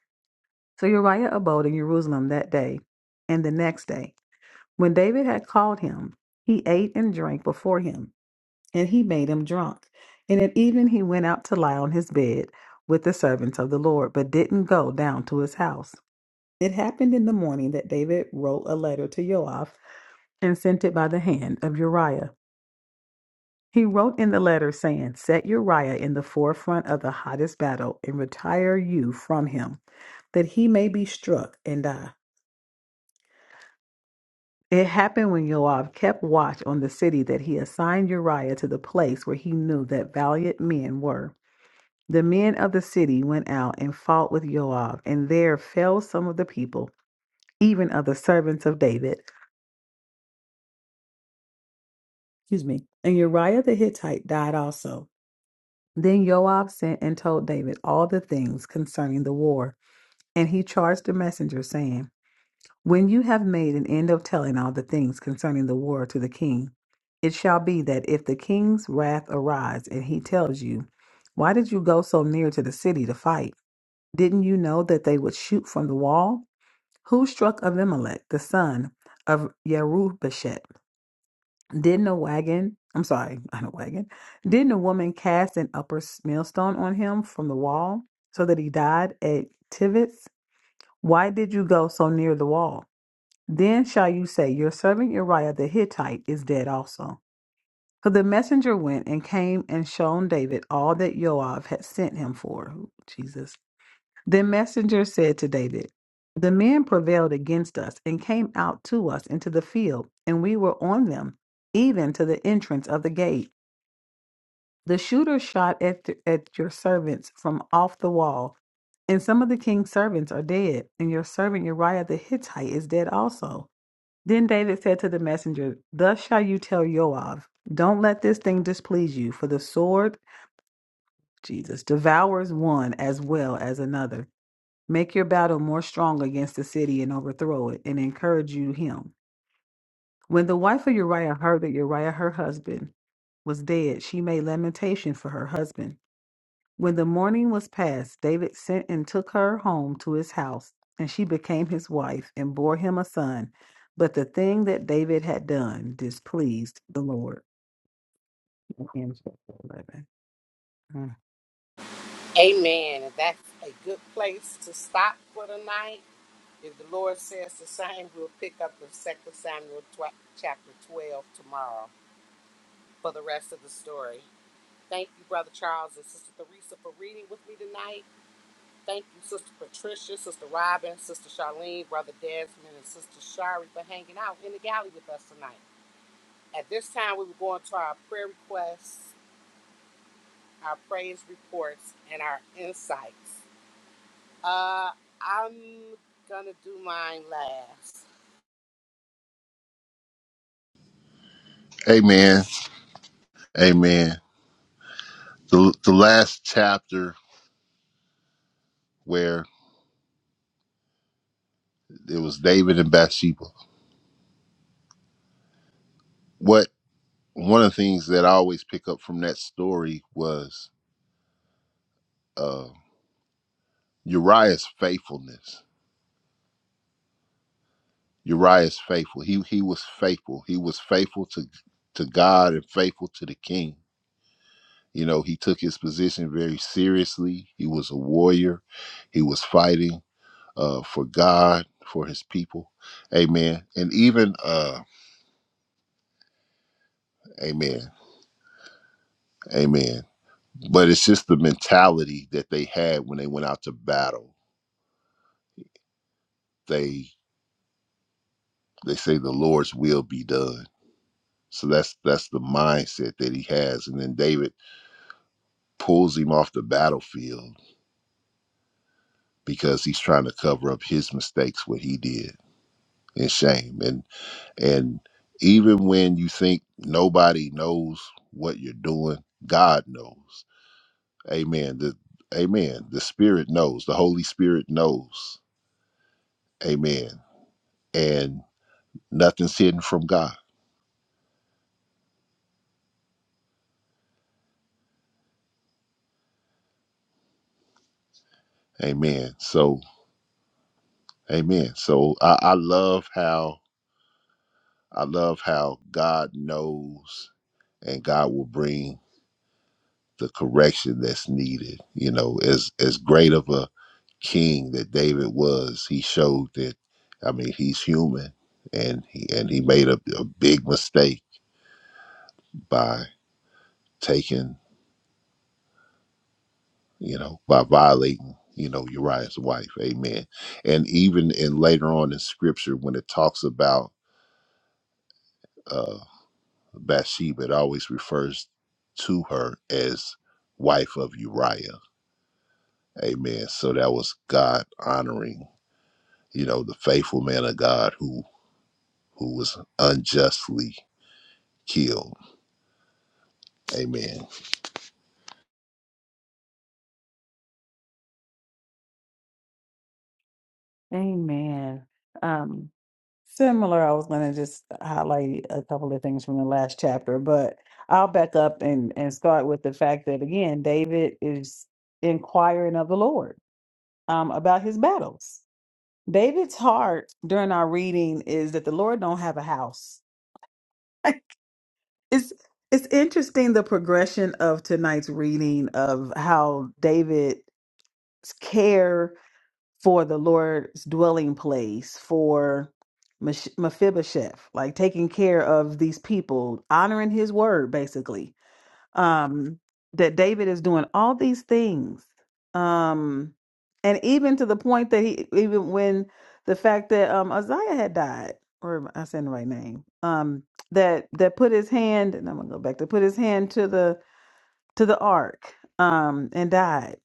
Speaker 3: So Uriah abode in Jerusalem that day and the next day. When David had called him, he ate and drank before him, and he made him drunk. And at evening he went out to lie on his bed with the servants of the Lord, but didn't go down to his house. It happened in the morning that David wrote a letter to Joab and sent it by the hand of Uriah. He wrote in the letter saying, Set Uriah in the forefront of the hottest battle and retire you from him, that he may be struck and die. It happened when Joab kept watch on the city that he assigned Uriah to the place where he knew that valiant men were. The men of the city went out and fought with Joab, and there fell some of the people, even of the servants of David. Excuse me. And Uriah the Hittite died also. Then Joab sent and told David all the things concerning the war. And he charged the messenger, saying, When you have made an end of telling all the things concerning the war to the king, it shall be that if the king's wrath arise and he tells you, Why did you go so near to the city to fight? Didn't you know that they would shoot from the wall? Who struck Abimelech, the son of Yerubeshet? Didn't a wagon, I'm sorry, [laughs] not a wagon, didn't a woman cast an upper millstone on him from the wall so that he died at Tivitz? Why did you go so near the wall? Then shall you say, Your servant Uriah the Hittite is dead also. So the messenger went and came and shown David all that Joab had sent him for. Ooh, Jesus. The messenger said to David, The men prevailed against us and came out to us into the field, and we were on them, even to the entrance of the gate. The shooter shot at, th- at your servants from off the wall, and some of the king's servants are dead, and your servant Uriah the Hittite is dead also. Then David said to the messenger, Thus shall you tell Joab, don't let this thing displease you, for the sword, Jesus, devours one as well as another. Make your battle more strong against the city and overthrow it, and encourage you him. When the wife of Uriah heard that Uriah, her husband, was dead, she made lamentation for her husband. When the morning was past, David sent and took her home to his house, and she became his wife and bore him a son. But the thing that David had done displeased the Lord. Amen. Mm.
Speaker 1: Amen. And that's a good place to stop for the night. If the Lord says the same, we'll pick up with Second Samuel 12, chapter 12 tomorrow for the rest of the story. Thank you, Brother Charles and Sister Theresa, for reading with me tonight. Thank you, Sister Patricia, Sister Robin, Sister Charlene, Brother Desmond, and Sister Shari for hanging out in the galley with us tonight. At this time, we will go into our prayer requests, our praise reports, and our insights. Uh, I'm gonna do mine last.
Speaker 2: Amen. Amen. The, the last chapter where. It was David and Bathsheba. What one of the things that I always pick up from that story was uh, Uriah's faithfulness. Uriah's faithful. He he was faithful. He was faithful to to God and faithful to the king. You know, he took his position very seriously. He was a warrior. He was fighting uh, for God, for his people. Amen. And even uh, amen. Amen. But it's just the mentality that they had when they went out to battle they they say the Lord's will be done. So that's that's the mindset that he has. And then David pulls him off the battlefield because he's trying to cover up his mistakes, what he did and shame. And and even when you think nobody knows what you're doing, God knows. Amen. The Amen. The Spirit knows. The Holy Spirit knows. Amen. And nothing's hidden from God. Amen. So Amen. So I, I love how I love how God knows and God will bring the correction that's needed. You know, as as great of a king that David was, he showed that I mean he's human and he and he made a, a big mistake by taking, you know, by violating, you know, Uriah's wife. Amen. And even in later on in scripture when it talks about uh Bathsheba, it always refers to her as wife of Uriah Amen. So that was God honoring, you know, the faithful man of God who who was unjustly killed. Amen.
Speaker 3: Amen. Um, similar, I was going to just highlight a couple of things from the last chapter, but I'll back up and, and start with the fact that, again, David is inquiring of the Lord um, about his battles David's heart during our reading is that the Lord don't have a house. [laughs] It's it's interesting the progression of tonight's reading of how David's care for the Lord's dwelling place for Mesh- Mephibosheth, like taking care of these people, honoring his word basically um, that David is doing all these things. Um, and even to the point that he, even when the fact that um, Isaiah had died, or am I saying the right name, um, that that put his hand, and I'm gonna go back to put his hand to the to the ark um, and died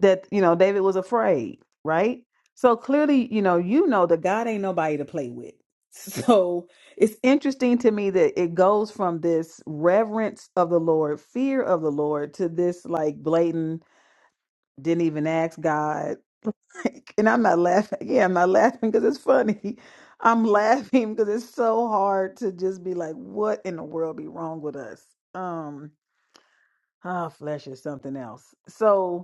Speaker 3: that you know David was afraid, right? So clearly, you know, you know that God ain't nobody to play with. [laughs] So it's interesting to me that it goes from this reverence of the Lord, fear of the Lord, to this like blatant didn't even ask God. [laughs] And I'm not laughing. Yeah, I'm not laughing because it's funny. [laughs] I'm laughing because it's so hard to just be like, what in the world be wrong with us? Um, ah, flesh is something else. So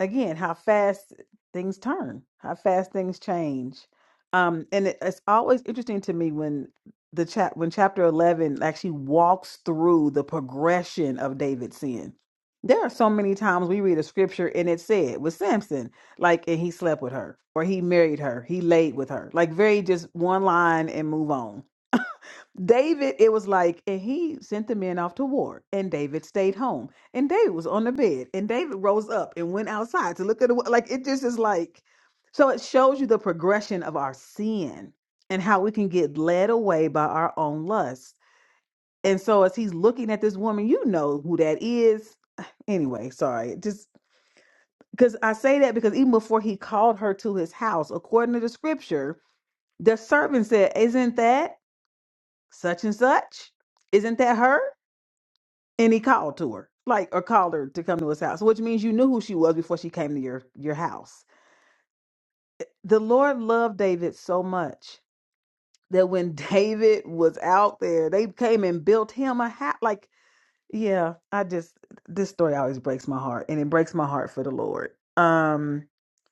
Speaker 3: again how fast things turn how fast things change um and it, it's always interesting to me when the chap when chapter 11 actually walks through the progression of david's sin there are so many times we read a scripture and it said with samson like and he slept with her or he married her he laid with her like very just one line and move on David, it was like, and he sent the men off to war, and David stayed home, and David was on the bed, and David rose up and went outside to look at the wa- like. It just is like, so it shows you the progression of our sin and how we can get led away by our own lust. And so as he's looking at this woman, you know who that is. [sighs] Anyway, sorry, just because I say that because even before he called her to his house, according to the scripture, the servant said, "Isn't that such and such?" Isn't that her? and he called to her like or called her to come to his house which means you knew who she was before she came to your your house the lord loved david so much that when [laughs] david was out there they came and built him a house like yeah i just this story always breaks my heart and it breaks my heart for the lord um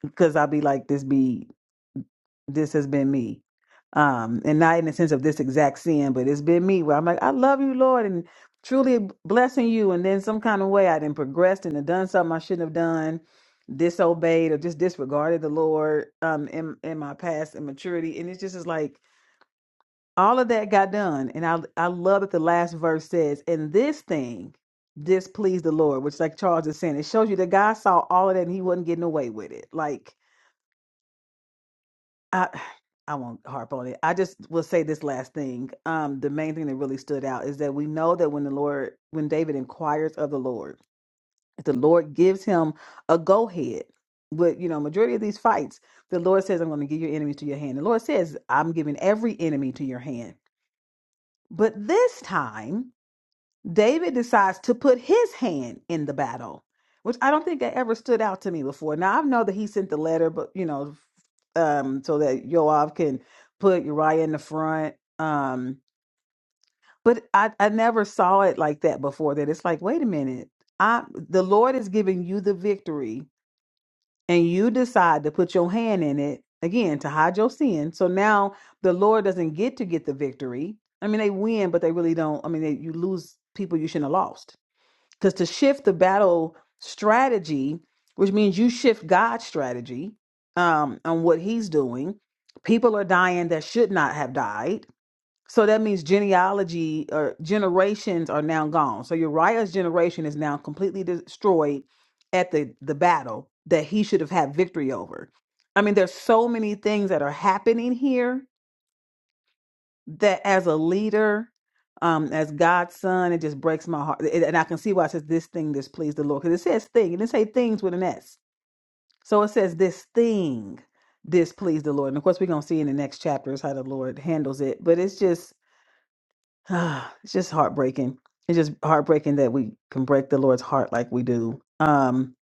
Speaker 3: because i'll be like this be. this has been me. Um, and not in the sense of this exact sin, but it's been me where I'm like, I love you, Lord, and truly blessing you. And then some kind of way I done progressed and done done something I shouldn't have done, disobeyed or just disregarded the Lord um in in my past immaturity. And it's just is like all of that got done. And I I love that the last verse says, and this thing displeased the Lord, which like Charles is saying, it shows you that God saw all of that and he wasn't getting away with it. Like I I won't harp on it. I just will say this last thing. Um, the main thing that really stood out is that we know that when the Lord, when David inquires of the Lord, if the Lord gives him a go ahead. But you know, majority of these fights, the Lord says, "I'm going to give your enemies to your hand." The Lord says, "I'm giving every enemy to your hand." But this time. David decides to put his hand in the battle, which I don't think that ever stood out to me before. Now I know that he sent the letter, but you know, um, so that Joab can put Uriah in the front. Um, but I, I never saw it like that before. That it's like, wait a minute, I the Lord is giving you the victory, and you decide to put your hand in it again to hide your sin. So now the Lord doesn't get to get the victory. I mean, they win, but they really don't. I mean, they, you lose people you shouldn't have lost. Because to shift the battle strategy, which means you shift God's strategy um, on what He's doing, people are dying that should not have died. So that means genealogy or generations are now gone. So Uriah's generation is now completely destroyed at the the battle that he should have had victory over. I mean, there's so many things that are happening here that as a leader, um, as God's son, it just breaks my heart. It- and I can see why it says this thing displeased the Lord. Because it says thing, it didn't say things with an S. So it says this thing displeased the Lord. And of course, we're gonna see in the next chapters how the Lord handles it. But it's just [sighs] it's just heartbreaking. It's just heartbreaking that we can break the Lord's heart like we do. Um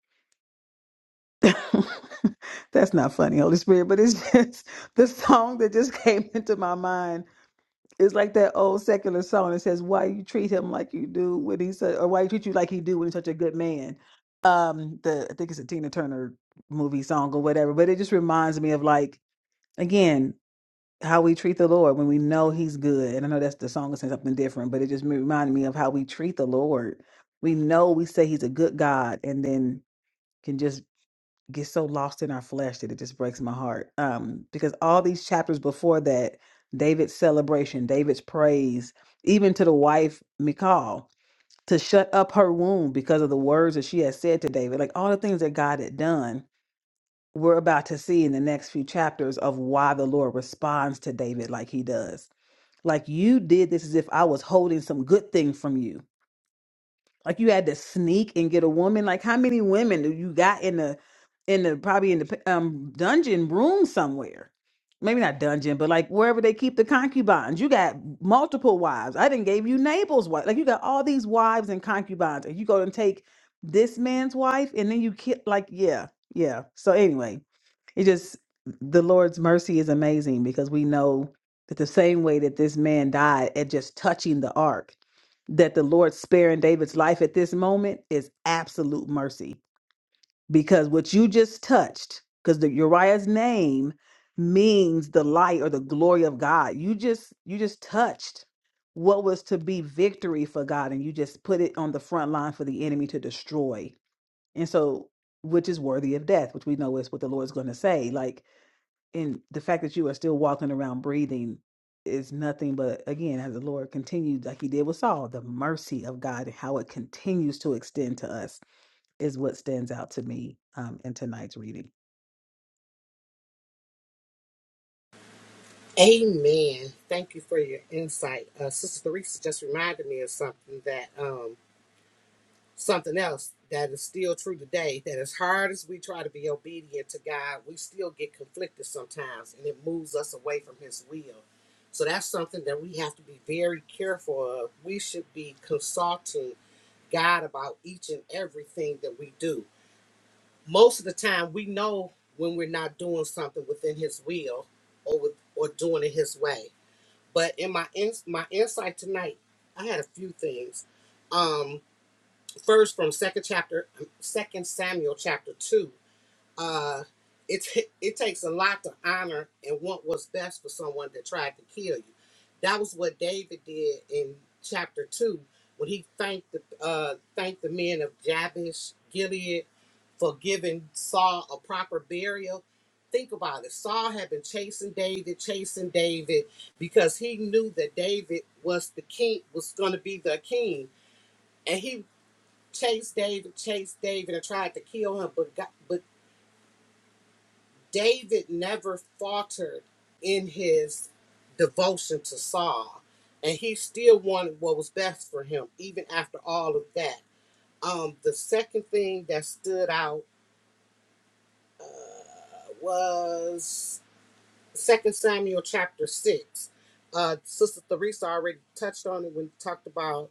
Speaker 3: [laughs] that's not funny, Holy Spirit, but it's just [laughs] the song that just [laughs] came into my mind It's like that old secular song that says, "Why you treat him like you do when he's a, or why you treat you like he do when he's such a good man." Um, the I think it's a Tina Turner movie song or whatever, but it just reminds me of like again how we treat the Lord when we know He's good. And I know that's the song is saying something different, but it just reminded me of how we treat the Lord. We know we say He's a good God, and then can just get so lost in our flesh that it just breaks my heart. Um, because all these chapters before that, David's celebration, David's praise, even to the wife Michal to shut up her womb because of the words that she had said to David, like all the things that God had done, we're about to see in the next few chapters of why the Lord responds to David like he does. Like you did this as if I was holding some good thing from you like you had to sneak and get a woman like how many women do you got in the in the probably in the um dungeon room somewhere maybe not dungeon but like wherever they keep the concubines you got multiple wives i didn't gave you Nabal's wife like you got all these wives and concubines and you go and take this man's wife and then you kill like yeah yeah so anyway it just the lord's mercy is amazing because we know that the same way that this man died at just touching the ark that the Lord sparing David's life at this moment is absolute mercy because what you just touched, because the Uriah's name means the light or the glory of God. You just you just touched what was to be victory for God and you just put it on the front line for the enemy to destroy. And so which is worthy of death, which we know is what the Lord's going to say. Like and the fact that you are still walking around breathing is nothing but again as the lord continued like he did with saul the mercy of god and how it continues to extend to us is what stands out to me um, in tonight's reading
Speaker 1: Amen. Thank you for your insight. Uh, Sister Theresa just reminded me of something that um something else that is still true today. That as hard as we try to be obedient to God, we still get conflicted sometimes, and it moves us away from His will. So that's something that we have to be very careful of. We should be consulting God about each and everything that we do. most of the time we know when we're not doing something within his will or with or doing it his way but in my in, my insight tonight i had a few things um first from second chapter second samuel chapter 2 uh, it, ta- [laughs] it takes a lot to honor and want what's best for someone that tried to kill you. That was what David did in chapter two when he thanked the uh, thanked the men of Jabesh Gilead for giving Saul a proper burial. Think about it. Saul had been chasing David, chasing David because he knew that David was the king, was going to be the king, and he chased David, chased David, and tried to kill him, but got, but David never faltered in his devotion to Saul, and he still wanted what was best for him, even after all of that. Um, the second thing that stood out uh, was Second Samuel chapter six. Uh, Sister Theresa already touched on it when we talked about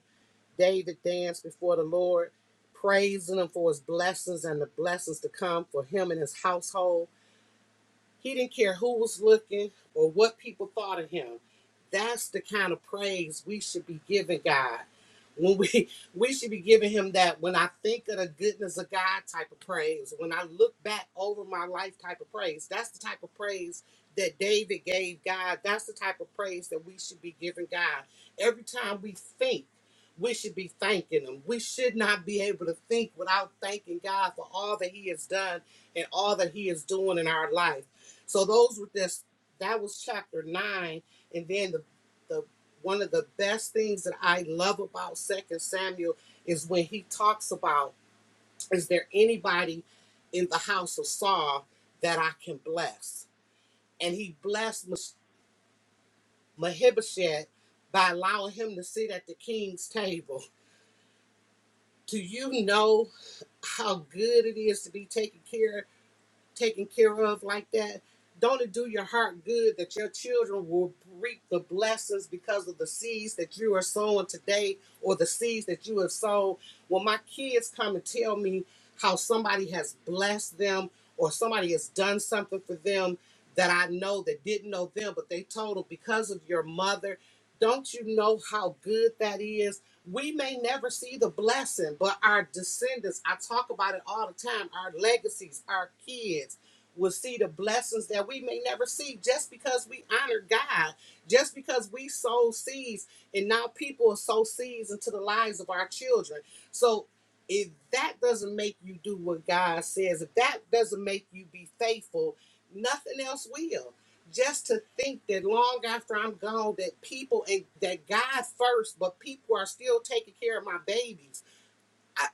Speaker 1: David danced before the Lord, praising Him for His blessings and the blessings to come for him and his household He didn't care who was looking or what people thought of him. That's the kind of praise we should be giving God. When we [laughs] we should be giving him that when I think of the goodness of God type of praise, when I look back over my life type of praise, that's the type of praise that David gave God. That's the type of praise that we should be giving God. Every time we think, we should be thanking him. We should not be able to think without thanking God for all that he has done and all that he is doing in our life. So those were just that was chapter nine, and then the the one of the best things that I love about Second Samuel is when he talks about is there anybody in the house of Saul that I can bless? And he blessed Mes- Mephibosheth by allowing him to sit at the king's table. Do you know how good it is to be taken care of? taken care of like that, don't it do your heart good that your children will reap the blessings because of the seeds that you are sowing today or the seeds that you have sown? When my kids come and tell me how somebody has blessed them or somebody has done something for them that I know that didn't know them, but they told them because of your mother. Don't you know how good that is? We may never see the blessing, but our descendants, I talk about it all the time, our legacies, our kids will see the blessings that we may never see just because we honor God, just because we sow seeds, and now people sow seeds into the lives of our children. So if that doesn't make you do what God says, if that doesn't make you be faithful, nothing else will just to think that long after I'm gone, that people and that God first, but people are still taking care of my babies. I,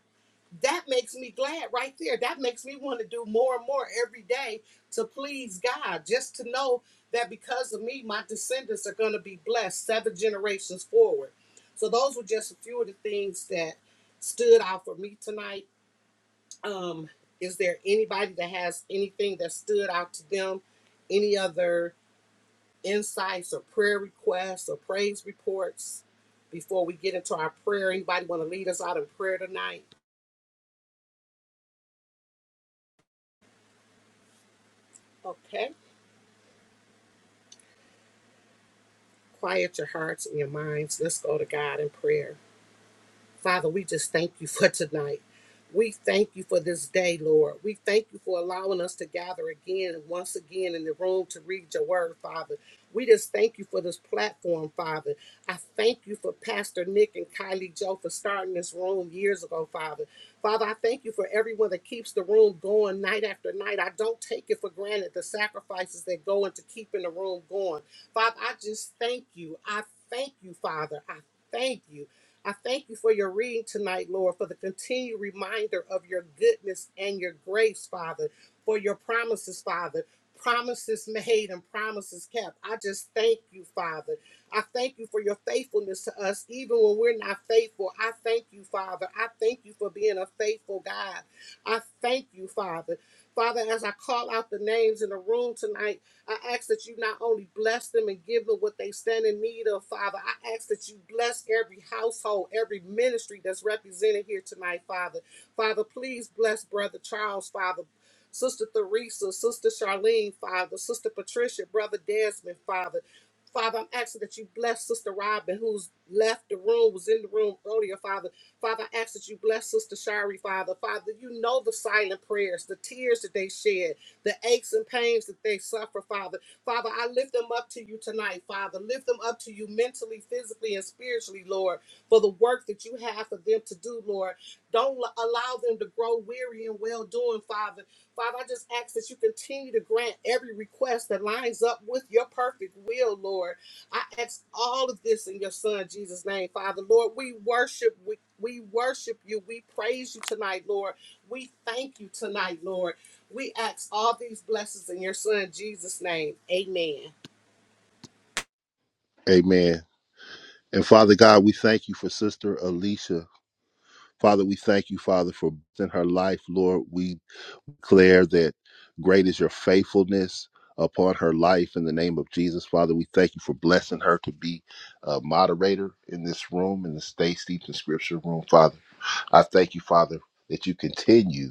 Speaker 1: that makes me glad right there. That makes me want to do more and more every day to please God, just to know that because of me, my descendants are going to be blessed seven generations forward. So those were just a few of the things that stood out for me tonight. Um, is there anybody that has anything that stood out to them? Any other? insights or prayer requests or praise reports before we get into our prayer. Anybody want to lead us out in prayer tonight? Okay. Quiet your hearts and your minds. Let's go to God in prayer. Father, we just thank you for tonight. We thank you for this day, Lord. We thank you for allowing us to gather again and once again in the room to read your word, Father. We just thank you for this platform, Father. I thank you for Pastor Nick and Kylie Joe for starting this room years ago, Father. Father, I thank you for everyone that keeps the room going night after night. I don't take it for granted the sacrifices that go into keeping the room going. Father, I just thank you. I thank you, Father. I thank you. I thank you for your reading tonight, Lord, for the continued reminder of your goodness and your grace, Father, for your promises, Father. Promises made and promises kept. I just thank you, Father. I thank you for your faithfulness to us, even when we're not faithful. I thank you, Father. I thank you for being a faithful God. I thank you, Father. Father, as I call out the names in the room tonight, I ask that you not only bless them and give them what they stand in need of, Father. I ask that you bless every household, every ministry that's represented here tonight, Father. Father, please bless Brother Charles, Father. Sister Theresa, Sister Charlene, Father, Sister Patricia, Brother Desmond, Father. Father, I'm asking that you bless Sister Robin, who's left the room, was in the room earlier, Father. Father, I ask that you bless Sister Shari, Father. Father, you know the silent prayers, the tears that they shed, the aches and pains that they suffer, Father. Father, I lift them up to you tonight, Father. Lift them up to you mentally, physically, and spiritually, Lord, for the work that you have for them to do, Lord. Don't allow them to grow weary and well doing, Father. Father, I just ask that you continue to grant every request that lines up with your perfect will, Lord. I ask all of this in your Son Jesus' name, Father. Lord, we worship we, we worship you. We praise you tonight, Lord. We thank you tonight, Lord. We ask all these blessings in your Son Jesus' name. Amen.
Speaker 2: Amen. And Father God, we thank you for Sister Alicia. Father, we thank you, Father, for in her life, Lord. We declare that great is your faithfulness upon her life in the name of Jesus. Father, we thank you for blessing her to be a moderator in this room, in the Stay Steeped in Scripture room, Father. I thank you, Father, that you continue.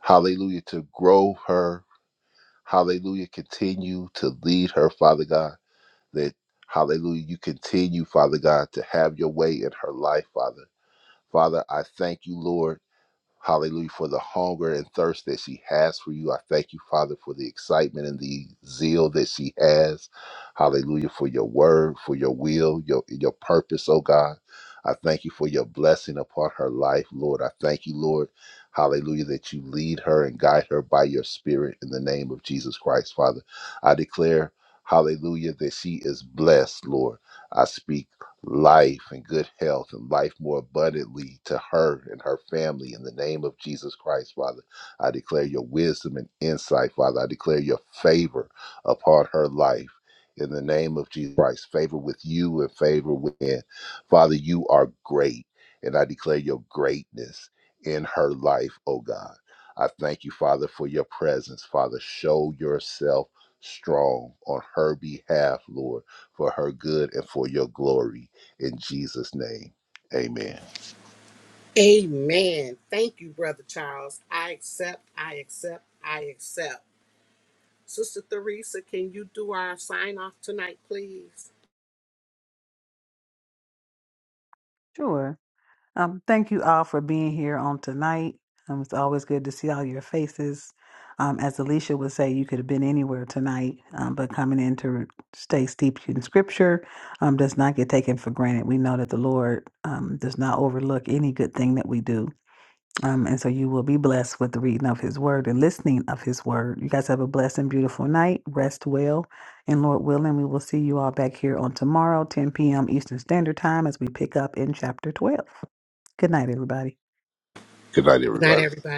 Speaker 2: Hallelujah. To grow her. Hallelujah. Continue to lead her, Father God. That, hallelujah, you continue, Father God, to have your way in her life, Father. Father, I thank you, Lord. Hallelujah for the hunger and thirst that she has for you. I thank you, Father, for the excitement and the zeal that she has. Hallelujah for your word, for your will, your your purpose, oh God. I thank you for your blessing upon her life, Lord. I thank you, Lord. Hallelujah, that you lead her and guide her by your spirit in the name of Jesus Christ, Father. I declare, hallelujah, that she is blessed, Lord. I speak life and good health and life more abundantly to her and her family in the name of Jesus Christ, Father. I declare your wisdom and insight, Father. I declare your favor upon her life in the name of Jesus Christ. Favor with you and favor with men. Father, you are great, and I declare your greatness in her life, oh God. I thank you, Father, for your presence, Father. Show yourself strong on her behalf, Lord for her good and for your glory. In Jesus' name, amen.
Speaker 1: Amen. Thank you, Brother Charles. I accept, I accept, I accept. Sister Theresa, can you do our sign off tonight, please?
Speaker 3: Sure. Um, thank you all for being here on tonight. Um, it's always good to see all your faces. Um, as Alicia would say, you could have been anywhere tonight, um, but coming in to stay steeped in Scripture um, does not get taken for granted. We know that the Lord um, does not overlook any good thing that we do. Um, and so you will be blessed with the reading of his word and listening of his word. You guys have a blessed and beautiful night. Rest well. And Lord willing, we will see you all back here on tomorrow, 10 p.m. Eastern Standard Time, as we pick up in chapter 12. Good night, everybody.
Speaker 2: Good night,
Speaker 1: Good night,
Speaker 2: everybody.
Speaker 1: everybody.